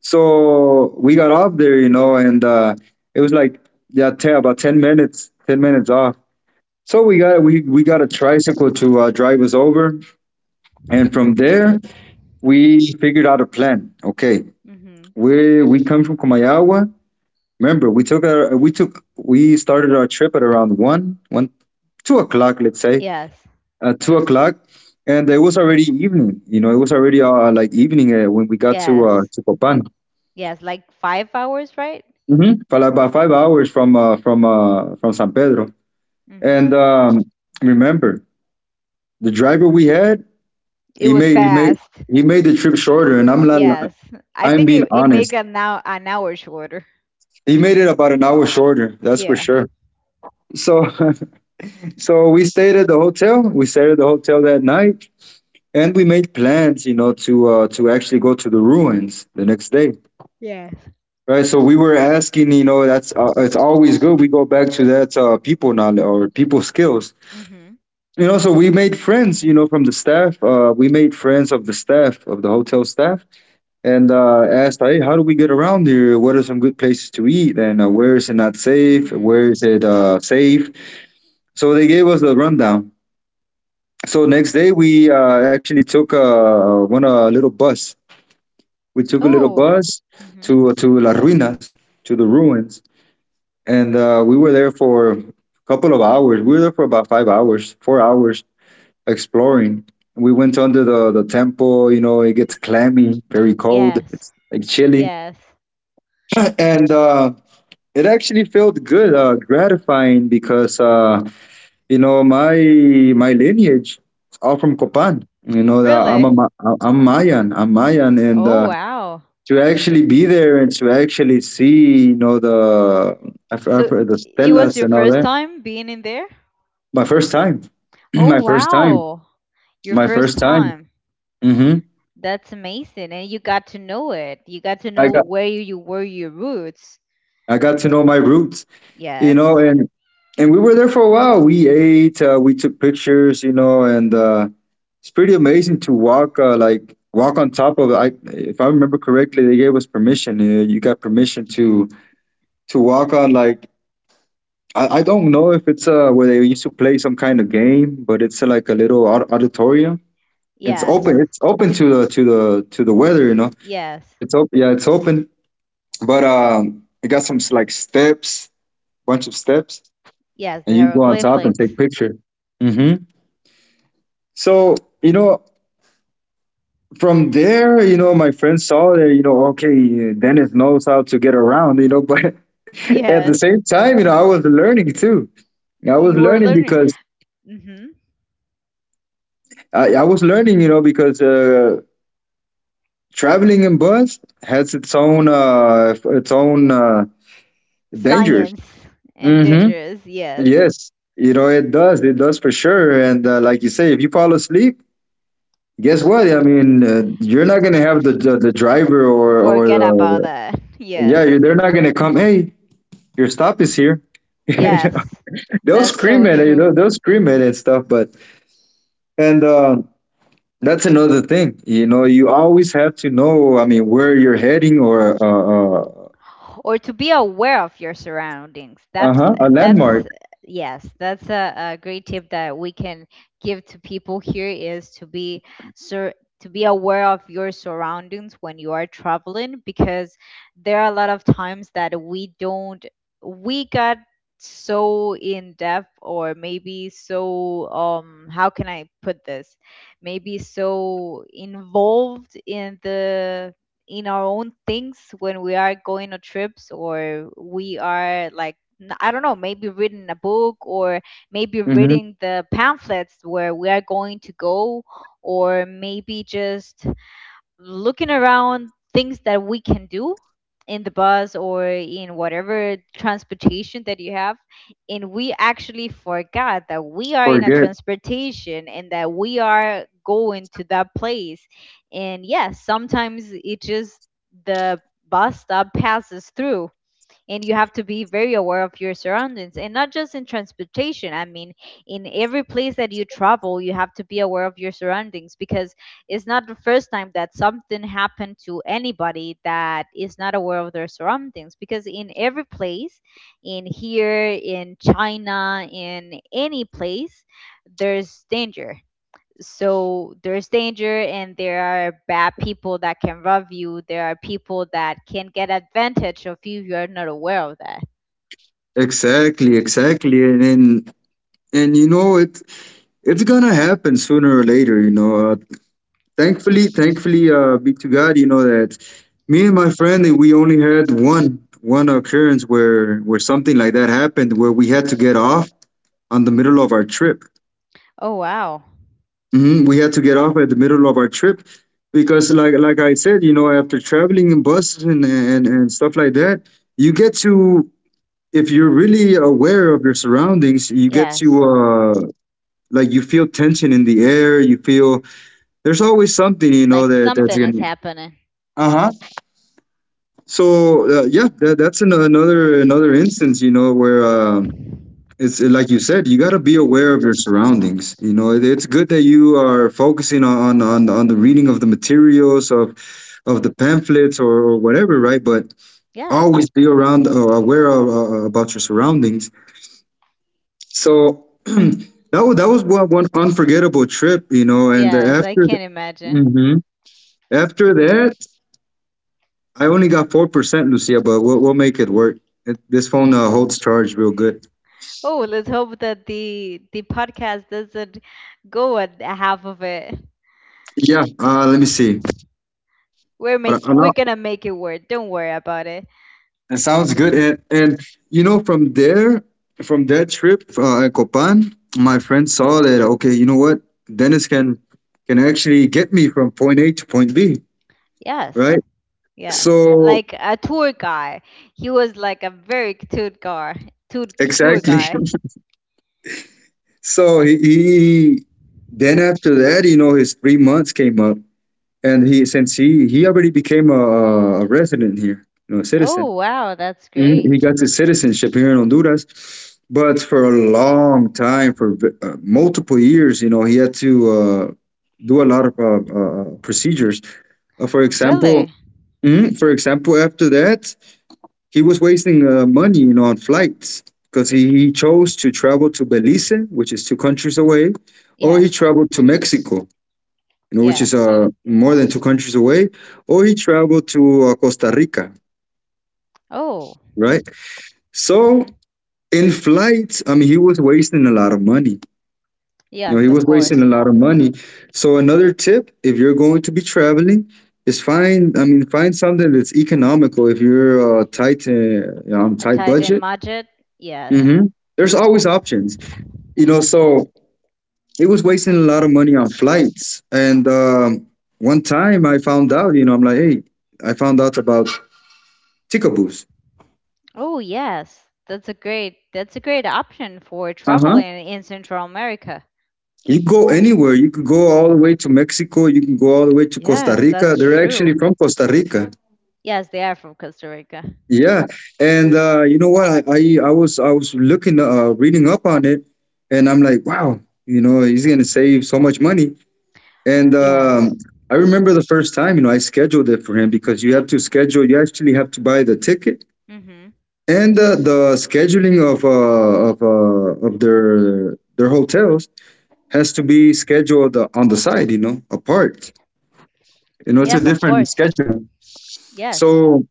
[SPEAKER 2] So we got off there, you know, and it was like, yeah, about 10 minutes, 10 minutes off. So we got a tricycle to drive us over, and from there we figured out a plan. Okay,
[SPEAKER 1] Mhm.
[SPEAKER 2] we come from Comayagua. Remember, we took our we took we started our trip at around one one two o'clock, let's say.
[SPEAKER 1] Yes.
[SPEAKER 2] At 2 o'clock, and it was already evening. You know, it was already like evening when we got
[SPEAKER 1] Yes.
[SPEAKER 2] to Copan.
[SPEAKER 1] Yes, like 5 hours, right?
[SPEAKER 2] Mm-hmm. For like about 5 hours from from San Pedro. And
[SPEAKER 1] Mhm.
[SPEAKER 2] remember, the driver we had,
[SPEAKER 1] It
[SPEAKER 2] he
[SPEAKER 1] was
[SPEAKER 2] made he made
[SPEAKER 1] fast.
[SPEAKER 2] he made the trip shorter. And I'm not,
[SPEAKER 1] Yes. I
[SPEAKER 2] I'm
[SPEAKER 1] think
[SPEAKER 2] being
[SPEAKER 1] it it made
[SPEAKER 2] honest.
[SPEAKER 1] an hour shorter.
[SPEAKER 2] He made it about an hour shorter, that's for
[SPEAKER 1] Yeah.
[SPEAKER 2] sure. So so we stayed at the hotel. We stayed at the hotel that night. And we made plans, you know, to actually go to the ruins the next day.
[SPEAKER 1] Yes.
[SPEAKER 2] Right, so we were asking, you know, that's it's always good. We go back to that people knowledge or people skills.
[SPEAKER 1] Mhm.
[SPEAKER 2] You know, so we made friends, you know, from the staff. We made friends of the staff of the hotel staff, and asked, hey, how do we get around here? What are some good places to eat? And where is it not safe?
[SPEAKER 1] Mhm.
[SPEAKER 2] Where is it safe? So they gave us a rundown. So next day we actually took one a little bus. We took a little
[SPEAKER 1] Oh.
[SPEAKER 2] bus
[SPEAKER 1] Mhm.
[SPEAKER 2] to Las Ruinas, to the ruins. And we were there for a couple of hours. We were there for about 5 hours, 4 hours exploring. We went under the temple. You know, it gets clammy, very cold.
[SPEAKER 1] Yes.
[SPEAKER 2] It's like chilly,
[SPEAKER 1] Yes.
[SPEAKER 2] and it actually felt good, gratifying, because you know, my lineage is all from Copan. You know that I'm a,
[SPEAKER 1] Really?
[SPEAKER 2] I'm Mayan. I'm Mayan, and
[SPEAKER 1] Oh wow.
[SPEAKER 2] to actually be there and to actually see, you know, the I've
[SPEAKER 1] So
[SPEAKER 2] heard the
[SPEAKER 1] it was
[SPEAKER 2] stelas
[SPEAKER 1] your
[SPEAKER 2] and all
[SPEAKER 1] first
[SPEAKER 2] that.
[SPEAKER 1] time being in there?
[SPEAKER 2] My first time.
[SPEAKER 1] Oh
[SPEAKER 2] My first time.
[SPEAKER 1] wow. Your
[SPEAKER 2] My
[SPEAKER 1] first
[SPEAKER 2] first time.
[SPEAKER 1] time.
[SPEAKER 2] Hmm.
[SPEAKER 1] That's amazing. And you got to know it. You got to
[SPEAKER 2] I
[SPEAKER 1] know
[SPEAKER 2] got
[SPEAKER 1] where you were, your roots.
[SPEAKER 2] to know my roots, you
[SPEAKER 1] Yes.
[SPEAKER 2] know, and we were there for a while. We ate, we took pictures, you know, and it's pretty amazing to walk walk on top of. I if I remember correctly, they gave us permission. You know, you got permission to walk on like. I don't know if it's where they used to play some kind of game, but it's like a little auditorium. It's
[SPEAKER 1] Yes.
[SPEAKER 2] open. It's open to the to the weather, you know.
[SPEAKER 1] Yes.
[SPEAKER 2] It's open. Yeah, it's open. But it got some like steps, bunch of steps,
[SPEAKER 1] Yes,
[SPEAKER 2] and
[SPEAKER 1] the
[SPEAKER 2] you go on top and
[SPEAKER 1] hieroglyphics.
[SPEAKER 2] take picture. Hmm. So you know, from there, you know, my friend saw that, you know, okay, Dennis knows how to get around, you know, but at the
[SPEAKER 1] Yes.
[SPEAKER 2] same time, you know, I was learning too. I was
[SPEAKER 1] You were
[SPEAKER 2] learning
[SPEAKER 1] learning.
[SPEAKER 2] because
[SPEAKER 1] Hmm.
[SPEAKER 2] I was learning, you know, because traveling in bus has its own dangers.
[SPEAKER 1] Science and dangerous. Yes.
[SPEAKER 2] Yes, you know, it does. It does for sure. And like you say, if you fall asleep, guess what? I mean, you're not gonna have the the driver or
[SPEAKER 1] Forget about
[SPEAKER 2] the,
[SPEAKER 1] that.
[SPEAKER 2] yeah,
[SPEAKER 1] Yes.
[SPEAKER 2] you they're not gonna come. Hey, your stop is here. You know,
[SPEAKER 1] Yes.
[SPEAKER 2] they'll
[SPEAKER 1] That's so
[SPEAKER 2] scream at it.
[SPEAKER 1] true.
[SPEAKER 2] They'll scream at it and stuff. But and that's another thing. You know, you always have to know, I mean, where you're heading, or
[SPEAKER 1] Or to be aware of your surroundings.
[SPEAKER 2] uh
[SPEAKER 1] That's
[SPEAKER 2] huh a
[SPEAKER 1] that's
[SPEAKER 2] landmark.
[SPEAKER 1] yes, that's a great tip that we can give to people here is to be sur- to be aware of your surroundings when you are traveling because there are a lot of times that we don't, we got so in depth or maybe so, um, how can I put this? Maybe so involved in the in our own things when we are going on trips or we are like I don't know, maybe reading a book or maybe
[SPEAKER 2] Mm-hmm.
[SPEAKER 1] reading the pamphlets where we are going to go, or maybe just looking around things that we can do in the bus or in whatever transportation that you have, and we actually forgot that we are in a
[SPEAKER 2] Forget
[SPEAKER 1] transportation and that we are going to that place, and yes, sometimes it just the bus stop passes through and you have to be very aware of your surroundings and not just in transportation. I mean, in every place that you travel you have to be aware of your surroundings because it's not the first time that something happened to anybody that is not aware of their surroundings because in every place, in here, in China, in any place, there's danger. So there's danger and there are bad people that can rob you, there are people that can get advantage of you if you're not aware of that.
[SPEAKER 2] exactly, exactly, and you know it, it's gonna happen sooner or later, you know. Thankfully, thankfully, be to God, you know, that me and my friend, we only had one occurrence where something like that happened, where we had to get off on the middle of our trip.
[SPEAKER 1] Oh, wow.
[SPEAKER 2] Hmm. We had to get off at the middle of our trip because, like I said, you know, after traveling in buses and and stuff like that, you get to if you're really aware of your surroundings, you get to
[SPEAKER 1] Yes,
[SPEAKER 2] like, you feel tension in the air, you feel there's always something, you know,
[SPEAKER 1] like
[SPEAKER 2] that that's
[SPEAKER 1] something is
[SPEAKER 2] gonna.
[SPEAKER 1] happening.
[SPEAKER 2] Uh huh. So yeah, that's an, another instance, you know, where it's like you said, you gotta be
[SPEAKER 1] Hmm.
[SPEAKER 2] aware of your surroundings. You know, it's good that you are focusing on the reading of the materials of the pamphlets, or whatever, right? But
[SPEAKER 1] Yes.
[SPEAKER 2] always be around aware of, about your surroundings. So. That was one, one unforgettable trip, you know. And
[SPEAKER 1] Yes, I
[SPEAKER 2] after,
[SPEAKER 1] can imagine.
[SPEAKER 2] Mhm. After that, I only got 4%, Lucia, but we'll make it work. It, this phone holds charge real good.
[SPEAKER 1] Oh, let's hope that the podcast doesn't go at half of it.
[SPEAKER 2] Yeah, let me see.
[SPEAKER 1] We're
[SPEAKER 2] But
[SPEAKER 1] make we're
[SPEAKER 2] know-
[SPEAKER 1] gonna make it work, don't worry about it.
[SPEAKER 2] it sounds good. And, you know, from there, from that trip in Copan, my friend saw that, okay, you know what? Dennis can actually get me from point A to point B, right?
[SPEAKER 1] Yes. Yes,
[SPEAKER 2] So,
[SPEAKER 1] like a tour guy. He was like a very tour guy. Tour
[SPEAKER 2] exactly.
[SPEAKER 1] guy.
[SPEAKER 2] So he, then after that, you know, his 3 months came up, and he since he already became a resident here, you know, a
[SPEAKER 1] Oh
[SPEAKER 2] citizen.
[SPEAKER 1] wow, that's
[SPEAKER 2] Mm,
[SPEAKER 1] great.
[SPEAKER 2] he got his citizenship here in Honduras, but for a long time, for multiple years, you know, he had to uh, do a lot of procedures. For example,
[SPEAKER 1] Really?
[SPEAKER 2] mhm, for example, after that, he was wasting money, you know, on flights because he chose to travel to Belize, which is two countries away, or he
[SPEAKER 1] Yes.
[SPEAKER 2] traveled to Mexico, you know, which is
[SPEAKER 1] Yes.
[SPEAKER 2] more than two countries away, or he traveled to Costa Rica,
[SPEAKER 1] Oh.
[SPEAKER 2] right? So
[SPEAKER 1] Mhm.
[SPEAKER 2] in flights, I mean, he was wasting a lot of money. You know,
[SPEAKER 1] Yes,
[SPEAKER 2] he
[SPEAKER 1] of
[SPEAKER 2] was wasting
[SPEAKER 1] course.
[SPEAKER 2] a lot of money. So another tip, if you're going to be traveling, is find, I mean, find something that's economical. If you're tight, you know, on
[SPEAKER 1] A
[SPEAKER 2] tight
[SPEAKER 1] tight end
[SPEAKER 2] budget,
[SPEAKER 1] budget. Yes.
[SPEAKER 2] hmm, there's always options. You know, so it was wasting a lot of money on flights. And one time, I found out, you know, I'm like, hey, I found out about Ticaboos.
[SPEAKER 1] Oh yes, that's a great, that's a great option for
[SPEAKER 2] Uh huh.
[SPEAKER 1] traveling in Central America.
[SPEAKER 2] You go anywhere. You could go all the way to Mexico. You can go all the way to Costa
[SPEAKER 1] Yes,
[SPEAKER 2] Rica.
[SPEAKER 1] that's
[SPEAKER 2] They're actually
[SPEAKER 1] true.
[SPEAKER 2] from Costa Rica.
[SPEAKER 1] Yes, they are from Costa Rica.
[SPEAKER 2] Yeah, and you know what? I was looking reading up on it, and I'm like, wow, you know, he's gonna save so much money. And
[SPEAKER 1] Yes.
[SPEAKER 2] I remember the first time, you know, I scheduled it for him because you have to schedule. You actually have to buy the ticket,
[SPEAKER 1] Mhm.
[SPEAKER 2] and the scheduling of of their hotels has to be scheduled on the side, you know, apart. You know, it's a
[SPEAKER 1] Yes, of
[SPEAKER 2] different
[SPEAKER 1] course.
[SPEAKER 2] scheduling.
[SPEAKER 1] Yes.
[SPEAKER 2] So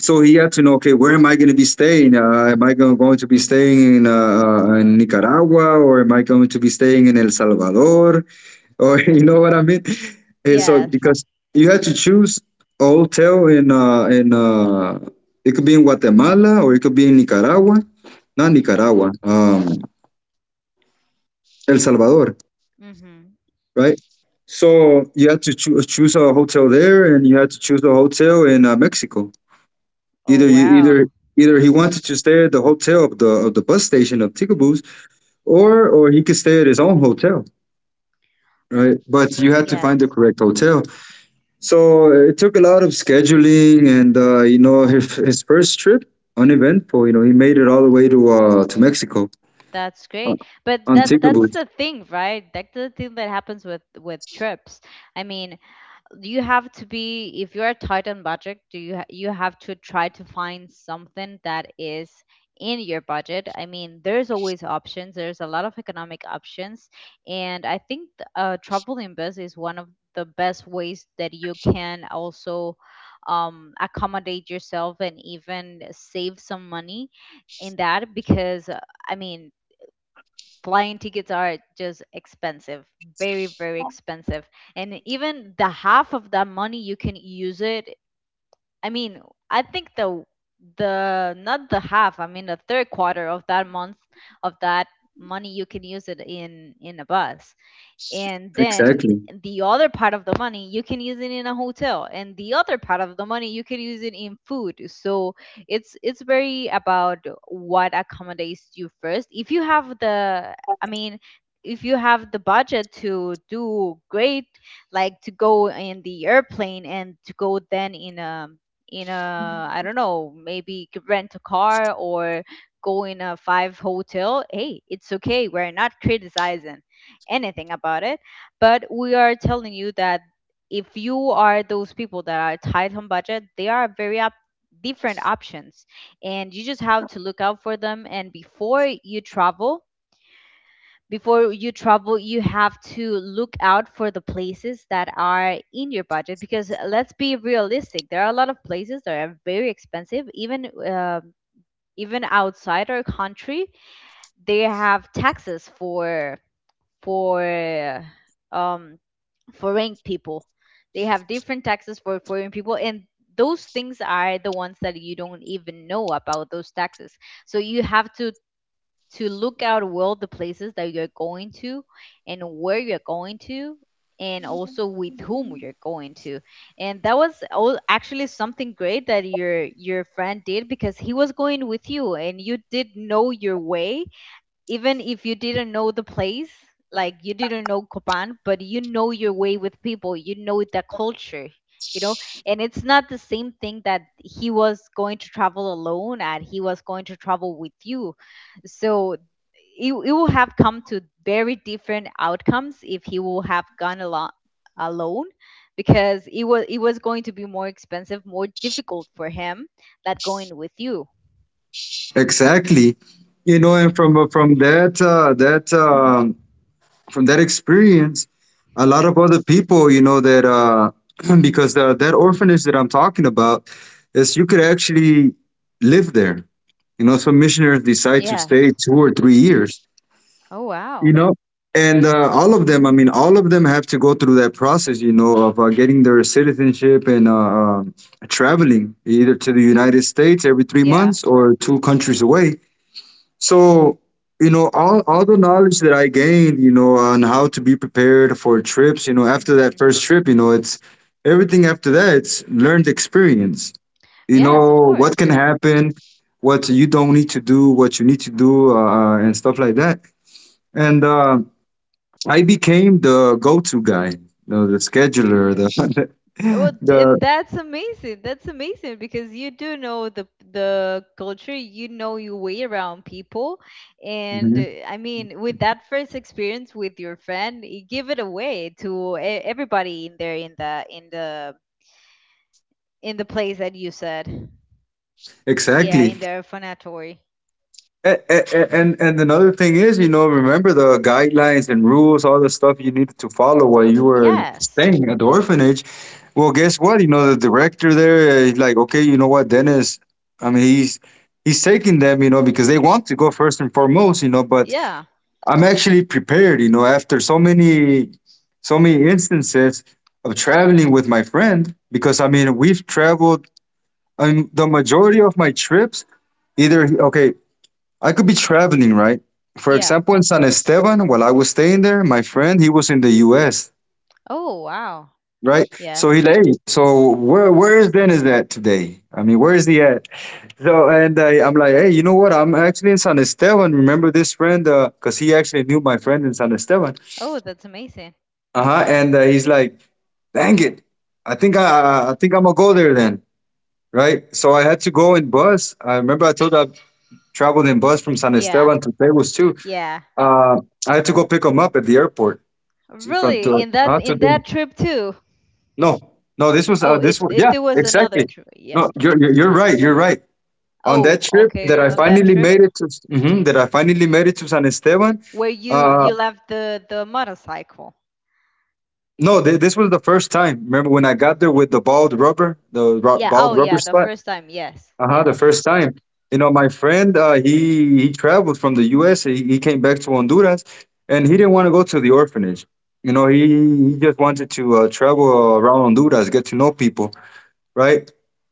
[SPEAKER 2] so he had to know, okay, where am I going to be staying? Am I going to be staying in Nicaragua, or am I going to be staying in El Salvador? Or you know what I mean? And so,
[SPEAKER 1] Yes.
[SPEAKER 2] because you had to choose a hotel in it could be in Guatemala, or it could be in Nicaragua. Not Nicaragua. El Salvador.
[SPEAKER 1] Mhm.
[SPEAKER 2] Right? So you had to choose a hotel there, and you had to choose a hotel in Mexico.
[SPEAKER 1] Oh
[SPEAKER 2] Either you
[SPEAKER 1] wow.
[SPEAKER 2] either either he wanted to stay at the hotel of the bus station of Ticaboos, or he could stay at his own hotel, right? But you had to find the
[SPEAKER 1] Yes.
[SPEAKER 2] correct hotel. So it took a lot of scheduling, and you know, his first trip, uneventful. You know, he made it all the way to Mexico
[SPEAKER 1] That's
[SPEAKER 2] uh,
[SPEAKER 1] great. But
[SPEAKER 2] on
[SPEAKER 1] that that's
[SPEAKER 2] Ticaboos.
[SPEAKER 1] the thing, right? That's the thing that happens with trips. I mean, you have to be, if you're tight on budget, do you you have to try to find something that is in your budget. I mean, there's always options, there's a lot of economic options, and I think traveling bus is one of the best ways that you can also, accommodate yourself and even save some money in that because I mean flying tickets are just expensive, very, very expensive. And even the half of that money you can use it. I mean, I think the, not the half, I mean the third quarter of that month, of that money you can use it in a bus, and then
[SPEAKER 2] Exactly,
[SPEAKER 1] the other part of the money you can use it in a hotel and the other part of the money you can use it in food. So it's very about what accommodates you first. If you have the, I mean, if you have the budget to do great, like to go in the airplane and to go then in a, in a I don't know maybe c- rent a car or go in a five hotel, hey, it's okay, we're not criticizing anything about it. But we are telling you that if you are those people that are tight on budget, there are very different options, and you just have to look out for them. And before you travel, you have to look out for the places that are in your budget because let's be realistic. There are a lot of places that are very expensive, even even outside our country. They have taxes for um, foreign people. They have different taxes for foreign people, and those things are the ones that you don't even know about those taxes. So you have to look out well the places that you're going to, and where you're going to, and also with whom you're going to. And that was all actually something great that your friend did, because he was going with you and you did know your way. Even if you didn't know the place, like you didn't know Copan, but you know your way with people, you know the culture, you know. And it's not the same thing that he was going to travel alone and he was going to travel with you. So it will have come to very different outcomes if he will have gone along alone, because it was going to be more expensive, more difficult for him than going with you.
[SPEAKER 2] exactly, you know, and from that from that experience, a lot of other people, you know, that because the, that orphanage that I'm talking about is you could actually live there. You know, some missionaries decide to stay
[SPEAKER 1] Yes.
[SPEAKER 2] 2 or 3 years.
[SPEAKER 1] Oh,
[SPEAKER 2] You
[SPEAKER 1] wow.
[SPEAKER 2] know, and All of them. All of them have to go through that process, of getting their citizenship and traveling either to the United States every three
[SPEAKER 1] Yeah.
[SPEAKER 2] months or two countries away. So, you know, all the knowledge that I gained, you know, on how to be prepared for trips, you know, after that
[SPEAKER 1] Mhm.
[SPEAKER 2] first trip, you know, it's everything after that, it's learned experience. You
[SPEAKER 1] Yes, of
[SPEAKER 2] know, what
[SPEAKER 1] course.
[SPEAKER 2] can happen, what you don't need to do, what you need to do, and stuff like that. And I became the go to guy, you know, the scheduler, the
[SPEAKER 1] Well, and
[SPEAKER 2] the,
[SPEAKER 1] that's amazing. That's amazing, because you do know the culture, you know your way around people, and
[SPEAKER 2] mhm,
[SPEAKER 1] I mean, with that first experience with your friend, you give it away to e- everybody in there in the in the place that you said. Yeah,
[SPEAKER 2] exactly.
[SPEAKER 1] in their phonatory.
[SPEAKER 2] A- and another thing is, you know, remember the guidelines and rules, all the stuff you needed to follow while you were
[SPEAKER 1] Yes.
[SPEAKER 2] staying at the orphanage. Well, guess what? You know, the director there, he's like, okay, you know what, Dennis? I mean, he's he's taking them, you know, because they want to go first and foremost, you know. But
[SPEAKER 1] Yeah.
[SPEAKER 2] I'm actually prepared, you know, after so many instances of traveling with my friend, because we've traveled. I mean, the majority of my trips, either okay, I could be traveling, right? For
[SPEAKER 1] Yeah.
[SPEAKER 2] example, in San Esteban, while I was staying there, my friend, he was in the US,
[SPEAKER 1] Oh, wow.
[SPEAKER 2] right? So he
[SPEAKER 1] Yes.
[SPEAKER 2] lay. So where is Dennis at today? I mean, where is he at? And I'm like, hey, you know what? I'm actually in San Esteban. Remember this friend? Cause he actually knew my friend in San Esteban.
[SPEAKER 1] Oh, that's amazing.
[SPEAKER 2] Uh huh. And he's like, dang it, I think I I think I'm gonna go there then, right? So I had to go in bus. I remember I told you I traveled in bus from San
[SPEAKER 1] Yeah.
[SPEAKER 2] Esteban to Tegus.
[SPEAKER 1] Yeah.
[SPEAKER 2] Uh, I had to go pick him up at the airport to, from
[SPEAKER 1] Really,
[SPEAKER 2] to
[SPEAKER 1] in
[SPEAKER 2] the,
[SPEAKER 1] that trip too.
[SPEAKER 2] no,
[SPEAKER 1] Oh, it, it
[SPEAKER 2] yeah,
[SPEAKER 1] there was another
[SPEAKER 2] exactly.
[SPEAKER 1] trip. Yeah.
[SPEAKER 2] No, you're right. You're right. On that
[SPEAKER 1] Oh,
[SPEAKER 2] trip that
[SPEAKER 1] okay.
[SPEAKER 2] I
[SPEAKER 1] On that
[SPEAKER 2] finally
[SPEAKER 1] trip
[SPEAKER 2] made it to, mhm, that I finally made it to San Esteban.
[SPEAKER 1] where you
[SPEAKER 2] Uh,
[SPEAKER 1] you left the motorcycle.
[SPEAKER 2] no, this was the first time. Remember when I got there with the bald rubber, the
[SPEAKER 1] Yeah.
[SPEAKER 2] bald
[SPEAKER 1] Oh,
[SPEAKER 2] rubber
[SPEAKER 1] yeah. The
[SPEAKER 2] spot?
[SPEAKER 1] first time. Yes.
[SPEAKER 2] Uh-huh, the
[SPEAKER 1] Yes.
[SPEAKER 2] first time. You know, my friend, he traveled from the U.S. He came back to Honduras, and he didn't want to go to the orphanage. You know, he just wanted to travel around Honduras, get to know people, right?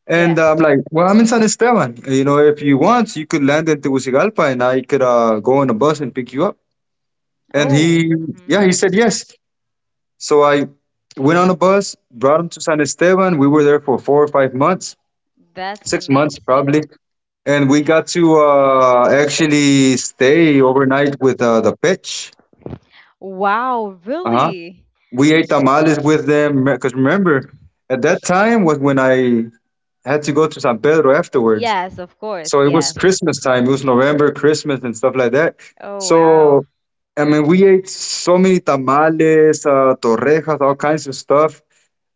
[SPEAKER 2] And I'm
[SPEAKER 1] Yes.
[SPEAKER 2] like, well, I'm in San Esteban. You know, if you want, you could land in Tegucigalpa, and I could go on a bus and pick you up. And
[SPEAKER 1] Oh.
[SPEAKER 2] he,
[SPEAKER 1] Mm-hmm.
[SPEAKER 2] yeah, he said yes. So I went on a bus, brought him to San Esteban. We were there for 4 or 5 months,
[SPEAKER 1] That's
[SPEAKER 2] 6 months
[SPEAKER 1] amazing.
[SPEAKER 2] probably. And we got to actually stay overnight with the pitch.
[SPEAKER 1] Wow.
[SPEAKER 2] Uh-huh.
[SPEAKER 1] Really?
[SPEAKER 2] We ate tamales with them because remember, at that time was when I had to go to San Pedro afterwards.
[SPEAKER 1] Yes. Of course.
[SPEAKER 2] So it was
[SPEAKER 1] Yes.
[SPEAKER 2] Christmas time. It was November, Christmas, and stuff like that.
[SPEAKER 1] Oh, wow.
[SPEAKER 2] So, we ate so many tamales, torrejas, all kinds of stuff.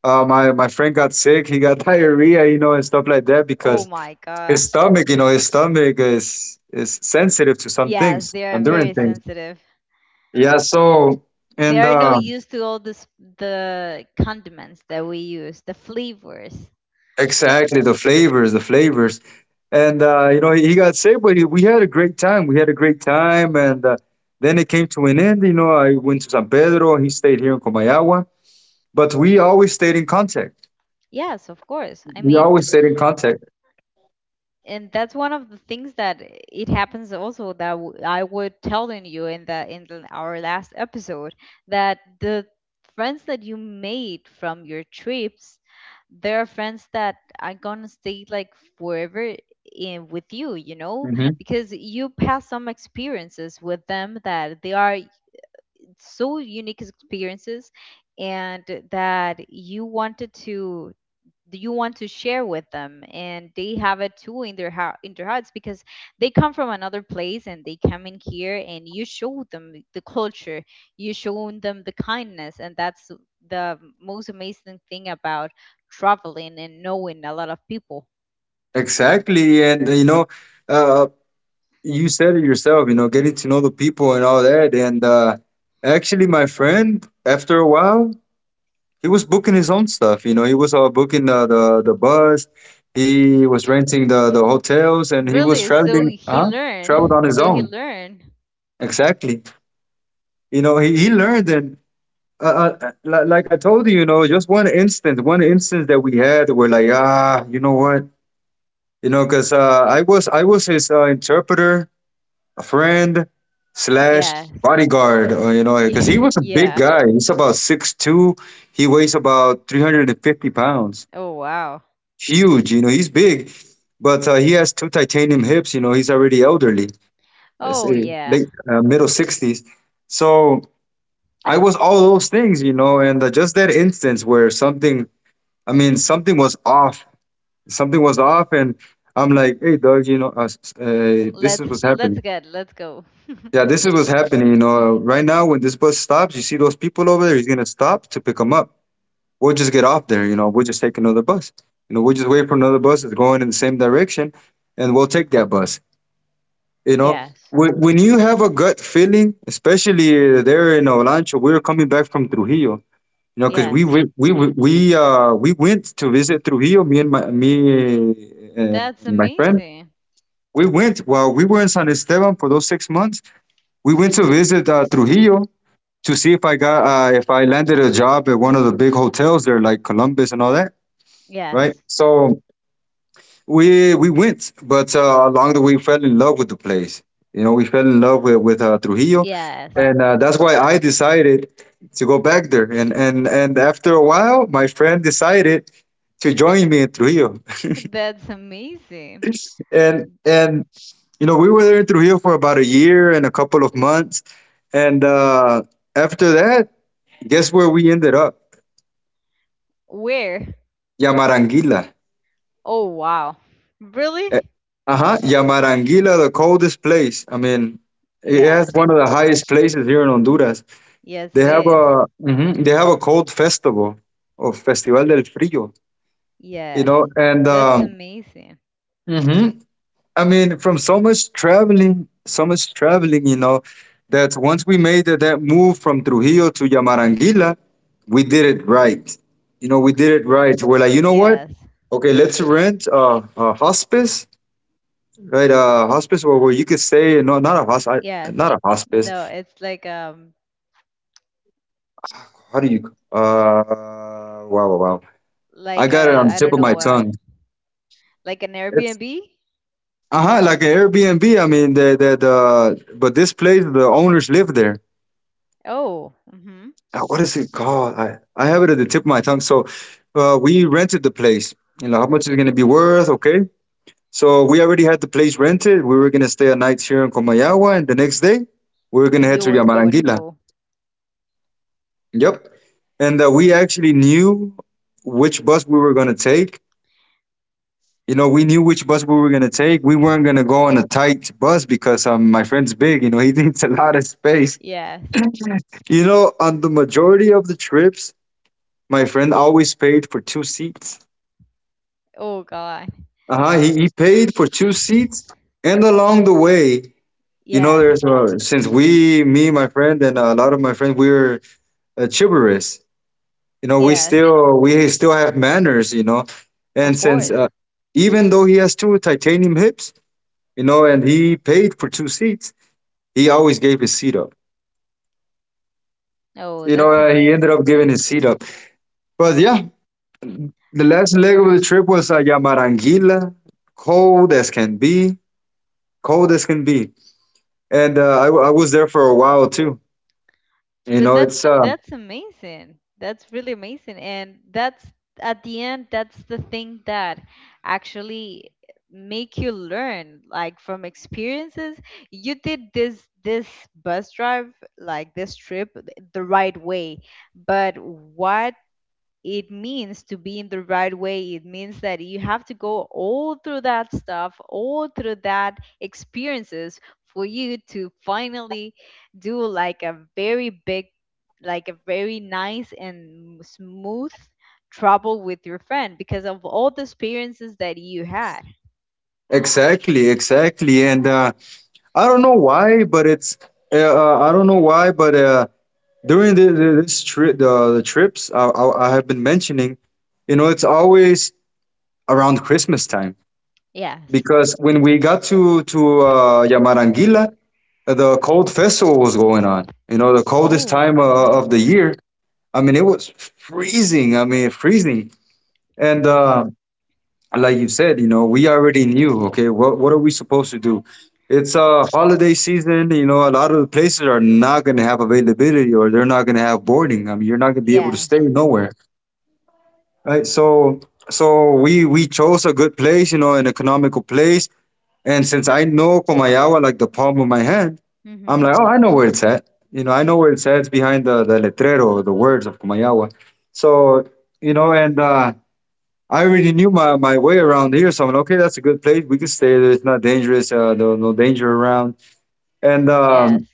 [SPEAKER 2] My friend got sick. He got diarrhea, you know, and stuff like that
[SPEAKER 1] Oh
[SPEAKER 2] because
[SPEAKER 1] my
[SPEAKER 2] his
[SPEAKER 1] God.
[SPEAKER 2] stomach, you know, his stomach is sensitive to some
[SPEAKER 1] Yes,
[SPEAKER 2] things
[SPEAKER 1] they are
[SPEAKER 2] and different
[SPEAKER 1] very
[SPEAKER 2] things.
[SPEAKER 1] sensitive.
[SPEAKER 2] Yeah. So
[SPEAKER 1] They
[SPEAKER 2] and
[SPEAKER 1] are no use to all this the condiments that we use, the flavors.
[SPEAKER 2] Exactly, the flavors, and you know, he got sick, but he, we had a great time. We had a great time, and then it came to an end. You know, I went to San Pedro. He stayed here in Comayagua, but we always stayed in contact.
[SPEAKER 1] Yes, of course. I
[SPEAKER 2] We
[SPEAKER 1] mean,
[SPEAKER 2] always stayed in contact.
[SPEAKER 1] and that's one of the things that it happens also that w- I would telling you in our last episode, that the friends that you made from your trips, there are friends that are gonna stay like forever in with you, you know,
[SPEAKER 2] Hmm.
[SPEAKER 1] because you pass some experiences with them that they are so unique experiences. And that you wanted to that you want to share with them, and they have it too in their hearts, because they come from another place and they come in here and you show them the culture, you show them the kindness, and that's the most amazing thing about traveling and knowing a lot of people.
[SPEAKER 2] Exactly, and you know. Uh, you said it yourself, you know, getting to know the people and all that. And actually, my friend, after a while, he was booking his own stuff. You know, he was booking the, the bus, he was renting the hotels, and he was
[SPEAKER 1] Really, so
[SPEAKER 2] traveling.
[SPEAKER 1] he
[SPEAKER 2] Huh? Traveled
[SPEAKER 1] learned,
[SPEAKER 2] on his
[SPEAKER 1] so he
[SPEAKER 2] own.
[SPEAKER 1] learned.
[SPEAKER 2] Exactly. You know, he learned and. Uh, like I told you, you know, just one instance that we had, we're like, ah, you know what, you know, because I was his interpreter, a friend slash
[SPEAKER 1] Yes.
[SPEAKER 2] bodyguard, you know, because he
[SPEAKER 1] Yeah.
[SPEAKER 2] was a big
[SPEAKER 1] Yeah.
[SPEAKER 2] guy. He's about 6'2". He weighs about 350 pounds.
[SPEAKER 1] Oh, wow.
[SPEAKER 2] Huge, you know, he's big. But he has two titanium hips, you know, he's already elderly, let's
[SPEAKER 1] Oh,
[SPEAKER 2] say
[SPEAKER 1] yeah.
[SPEAKER 2] late, middle 60s. So I was all those things, you know, and just that instance where something, something was off. Something was off, and I'm like, hey, Doug, you know, this
[SPEAKER 1] let's
[SPEAKER 2] is what's
[SPEAKER 1] let's
[SPEAKER 2] happening.
[SPEAKER 1] get let's go.
[SPEAKER 2] Yeah, this is what's happening. You know, right now when this bus stops, you see those people over there. He's gonna stop to pick them up. We'll just get off there. You know, we'll just take another bus. You know, we'll just wait for another bus that's going in the same direction, and we'll take that bus. You know,
[SPEAKER 1] Yes.
[SPEAKER 2] when you have a gut feeling, especially there in Olancho, we were coming back from Trujillo. You know, because we
[SPEAKER 1] Yes.
[SPEAKER 2] we we we uh we went to visit Trujillo. Me and my me uh,
[SPEAKER 1] That's
[SPEAKER 2] and my friend.
[SPEAKER 1] amazing.
[SPEAKER 2] We went while we were in San Esteban for those 6 months. We went to visit Trujillo to see if I got if I landed a job at one of the big hotels there, like Columbus and all that, right?
[SPEAKER 1] Yes.
[SPEAKER 2] So we went, but along the way, we fell in love with the place. You know, we fell in love with Trujillo,
[SPEAKER 1] Yes.
[SPEAKER 2] and that's why I decided to go back there. And after a while, my friend decided to join me in Trujillo,
[SPEAKER 1] That's amazing.
[SPEAKER 2] and you know, we were there in Trujillo for about a year and a couple of months, and after that, guess where we ended up?
[SPEAKER 1] Where?
[SPEAKER 2] Yamaranguila.
[SPEAKER 1] Oh, wow.
[SPEAKER 2] Eh,
[SPEAKER 1] Really?
[SPEAKER 2] Uh-huh. Yamaranguila, the coldest place. I mean, it has one
[SPEAKER 1] Yes.
[SPEAKER 2] of the highest places here in Honduras.
[SPEAKER 1] Yes,
[SPEAKER 2] They
[SPEAKER 1] it
[SPEAKER 2] have a
[SPEAKER 1] is.
[SPEAKER 2] mhm, they have a cold festival, or Festival del Frío, you
[SPEAKER 1] Yes.
[SPEAKER 2] know, and
[SPEAKER 1] That's
[SPEAKER 2] um,
[SPEAKER 1] amazing.
[SPEAKER 2] mhm, I mean, from so much traveling, you know, that once we made that move from Trujillo to Yamaranguila, we did it right. You know, we did it right. We're like, you know what?
[SPEAKER 1] Yes.
[SPEAKER 2] Okay, let's rent a hospice. Right, hospice, or where you could say no,
[SPEAKER 1] Yes.
[SPEAKER 2] not a hospice.
[SPEAKER 1] No, it's like
[SPEAKER 2] How do you? Wow, wow, wow! I got it on the
[SPEAKER 1] I
[SPEAKER 2] tip
[SPEAKER 1] don't
[SPEAKER 2] of my
[SPEAKER 1] know,
[SPEAKER 2] tongue.
[SPEAKER 1] like an
[SPEAKER 2] It's
[SPEAKER 1] Airbnb.
[SPEAKER 2] uh huh, like an Airbnb. I mean, but this place, the owners live there.
[SPEAKER 1] Oh. Mhm.
[SPEAKER 2] What is it called? I have it at the tip of my tongue. So, we rented the place. You know how much it's gonna be worth? Okay, so we already had the place rented. We were gonna stay a night here in Comayagua, and the next day we were gonna head
[SPEAKER 1] You
[SPEAKER 2] to
[SPEAKER 1] were go and
[SPEAKER 2] Yamaranguila.
[SPEAKER 1] go.
[SPEAKER 2] Yep. And that we actually knew which bus we were going to take. You know, we knew which bus we were going to take. We weren't going to go on a tight bus because my friend's big, you know, he needs a lot of space.
[SPEAKER 1] Yes.
[SPEAKER 2] You know, on the majority of the trips, my friend always paid for two seats.
[SPEAKER 1] Oh God.
[SPEAKER 2] Uh huh. He paid for two seats. And along the way, you know,
[SPEAKER 1] Yes.
[SPEAKER 2] there's since we, me, my friend, and a lot of my friends, we were chivalrous. You know,
[SPEAKER 1] Yes.
[SPEAKER 2] we still have manners, you know. And
[SPEAKER 1] Of
[SPEAKER 2] since
[SPEAKER 1] course.
[SPEAKER 2] even though he has two titanium hips, you know, and he paid for two seats, he always gave his seat up.
[SPEAKER 1] Oh,
[SPEAKER 2] You know,
[SPEAKER 1] that's
[SPEAKER 2] he ended
[SPEAKER 1] amazing.
[SPEAKER 2] up giving his seat up. But yeah, the last leg of the trip was Yamaranguila, cold as can be, cold as can be. And I was there for a while too. You
[SPEAKER 1] But
[SPEAKER 2] know, it's
[SPEAKER 1] that's amazing. That's really amazing. And that's at the end, that's the thing that actually make you learn like from experiences. You did this bus drive like this trip the right way, but what it means to be in the right way. It means that you have to go all through that stuff, all through that experiences, for you to finally do like a very big, like a very nice and smooth trouble with your friend because of all the experiences that you had.
[SPEAKER 2] exactly, exactly. And I don't know why, but I don't know why, but during the this trip, the trips I have been mentioning, you know, it's always around Christmas time,
[SPEAKER 1] Yes.
[SPEAKER 2] because when we got to Yamarangila, the cold festival was going on, you know, the coldest
[SPEAKER 1] Oh.
[SPEAKER 2] time
[SPEAKER 1] Mhm.
[SPEAKER 2] of the year. I mean, it was freezing. I mean, freezing. And like you said, you know, we already knew, okay, what are we supposed to do? It's a holiday season, you know, a lot of the places are not gonna have availability, or they're not gonna have boarding. I mean, you're not gonna be able to
[SPEAKER 1] Yes.
[SPEAKER 2] stay nowhere. Right. So we chose a good place, you know, an economical place. And since I know Komayawa like the palm of my hand, I'm
[SPEAKER 1] Mhm.
[SPEAKER 2] like, oh, I know where it's at. You know, I know where it's at. It's behind the letrero, the words of Kumayawa. So, you know, and I already knew my way around here, so I'm like, okay, that's a good place. We can stay there. It's not dangerous. No, no danger around. And
[SPEAKER 1] Yes.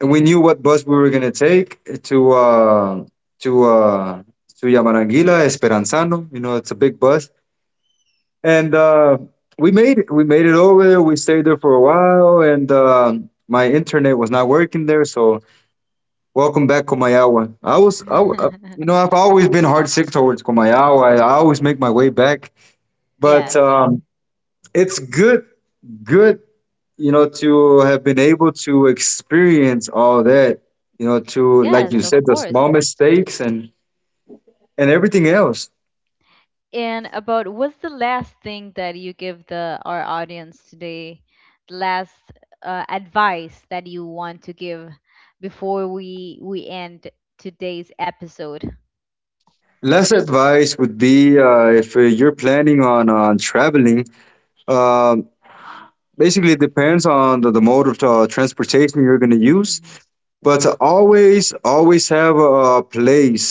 [SPEAKER 2] we knew what bus we were gonna take to uh, to Yamaranguila Esperanzano. You know, it's a big bus. And we made it. We made it over there. We stayed there for a while, and my internet was not working there. So welcome back, Komayawa. I was, I, w- you know, I've always been heart sick towards Komayawa. I always make my way back, but.
[SPEAKER 1] Yes.
[SPEAKER 2] It's good, good, you know, to have been able to experience all that, you know, to, like you
[SPEAKER 1] Yes,
[SPEAKER 2] said,
[SPEAKER 1] of
[SPEAKER 2] the
[SPEAKER 1] course.
[SPEAKER 2] small mistakes and everything else.
[SPEAKER 1] And about, what's the last thing that you give the our audience today, the last advice that you want to give before we end today's episode?
[SPEAKER 2] Less advice would be if you're planning on traveling, um basically it depends on the mode of transportation you're going to use,
[SPEAKER 1] Hmm.
[SPEAKER 2] but to always always have a place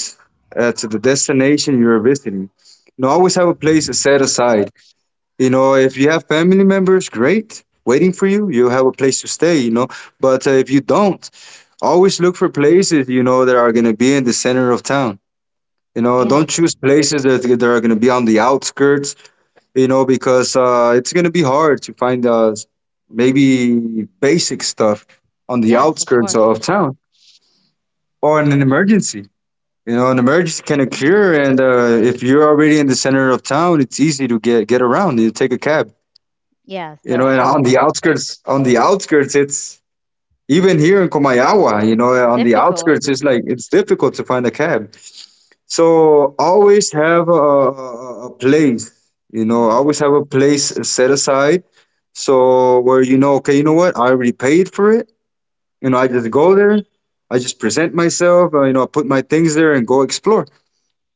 [SPEAKER 2] to the destination you're visiting. You know, always have a place set aside. You know, if you have family members, great, waiting for you, you have a place to stay, you know. But if you don't, always look for places, you know, that are going to be in the center of town. You know, don't
[SPEAKER 1] Yes.
[SPEAKER 2] choose places that are going to be on the outskirts, you know, because it's going to be hard to find maybe basic stuff on the
[SPEAKER 1] Yes, of
[SPEAKER 2] outskirts
[SPEAKER 1] course.
[SPEAKER 2] of town, or in an emergency. You know, an emergency can
[SPEAKER 1] Hmm.
[SPEAKER 2] occur, and if you're already in the center of town, it's easy to get around. You take a cab.
[SPEAKER 1] Yes,
[SPEAKER 2] You know,
[SPEAKER 1] that's
[SPEAKER 2] and
[SPEAKER 1] so
[SPEAKER 2] on the
[SPEAKER 1] true.
[SPEAKER 2] outskirts, it's, even here in Komayawa, you know, on the
[SPEAKER 1] Difficult.
[SPEAKER 2] outskirts, it's like it's difficult to find a cab. So always have a place, you know,
[SPEAKER 1] Hmm.
[SPEAKER 2] always have a place set aside, so where you know, okay, you know what, I already paid for it, you know, I just go there, I just present myself. You know, I put my things there and go explore.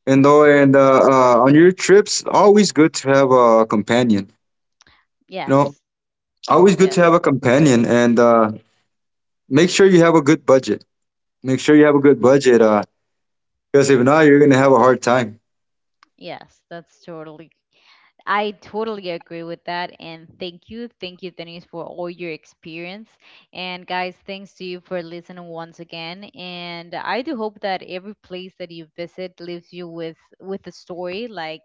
[SPEAKER 2] And though and On your trips, always good to have a companion, you know,
[SPEAKER 1] Yes.
[SPEAKER 2] always good to have
[SPEAKER 1] Yes.
[SPEAKER 2] a companion. And make sure you have a good budget. Make sure you have a good budget, because if not, you're gonna have a hard time.
[SPEAKER 1] Yes, that's totally, I totally agree with that. And thank you. Thank you, Denise, for all your experience. And guys, thanks to you for listening once again. And I do hope that every place that you visit leaves you with a story like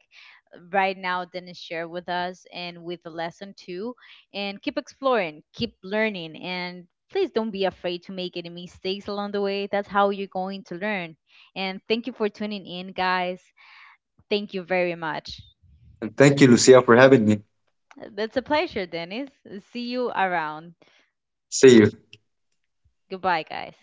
[SPEAKER 1] right now Dennis shared with us, and with a lesson too. And keep exploring, keep learning, and please don't be afraid to make any mistakes along the way. That's how you're going to learn. And thank you for tuning in, guys. Thank you very much.
[SPEAKER 2] And thank you, Lucia, for having me.
[SPEAKER 1] That's a pleasure, Dennis. See you around.
[SPEAKER 2] See you.
[SPEAKER 1] Goodbye, guys.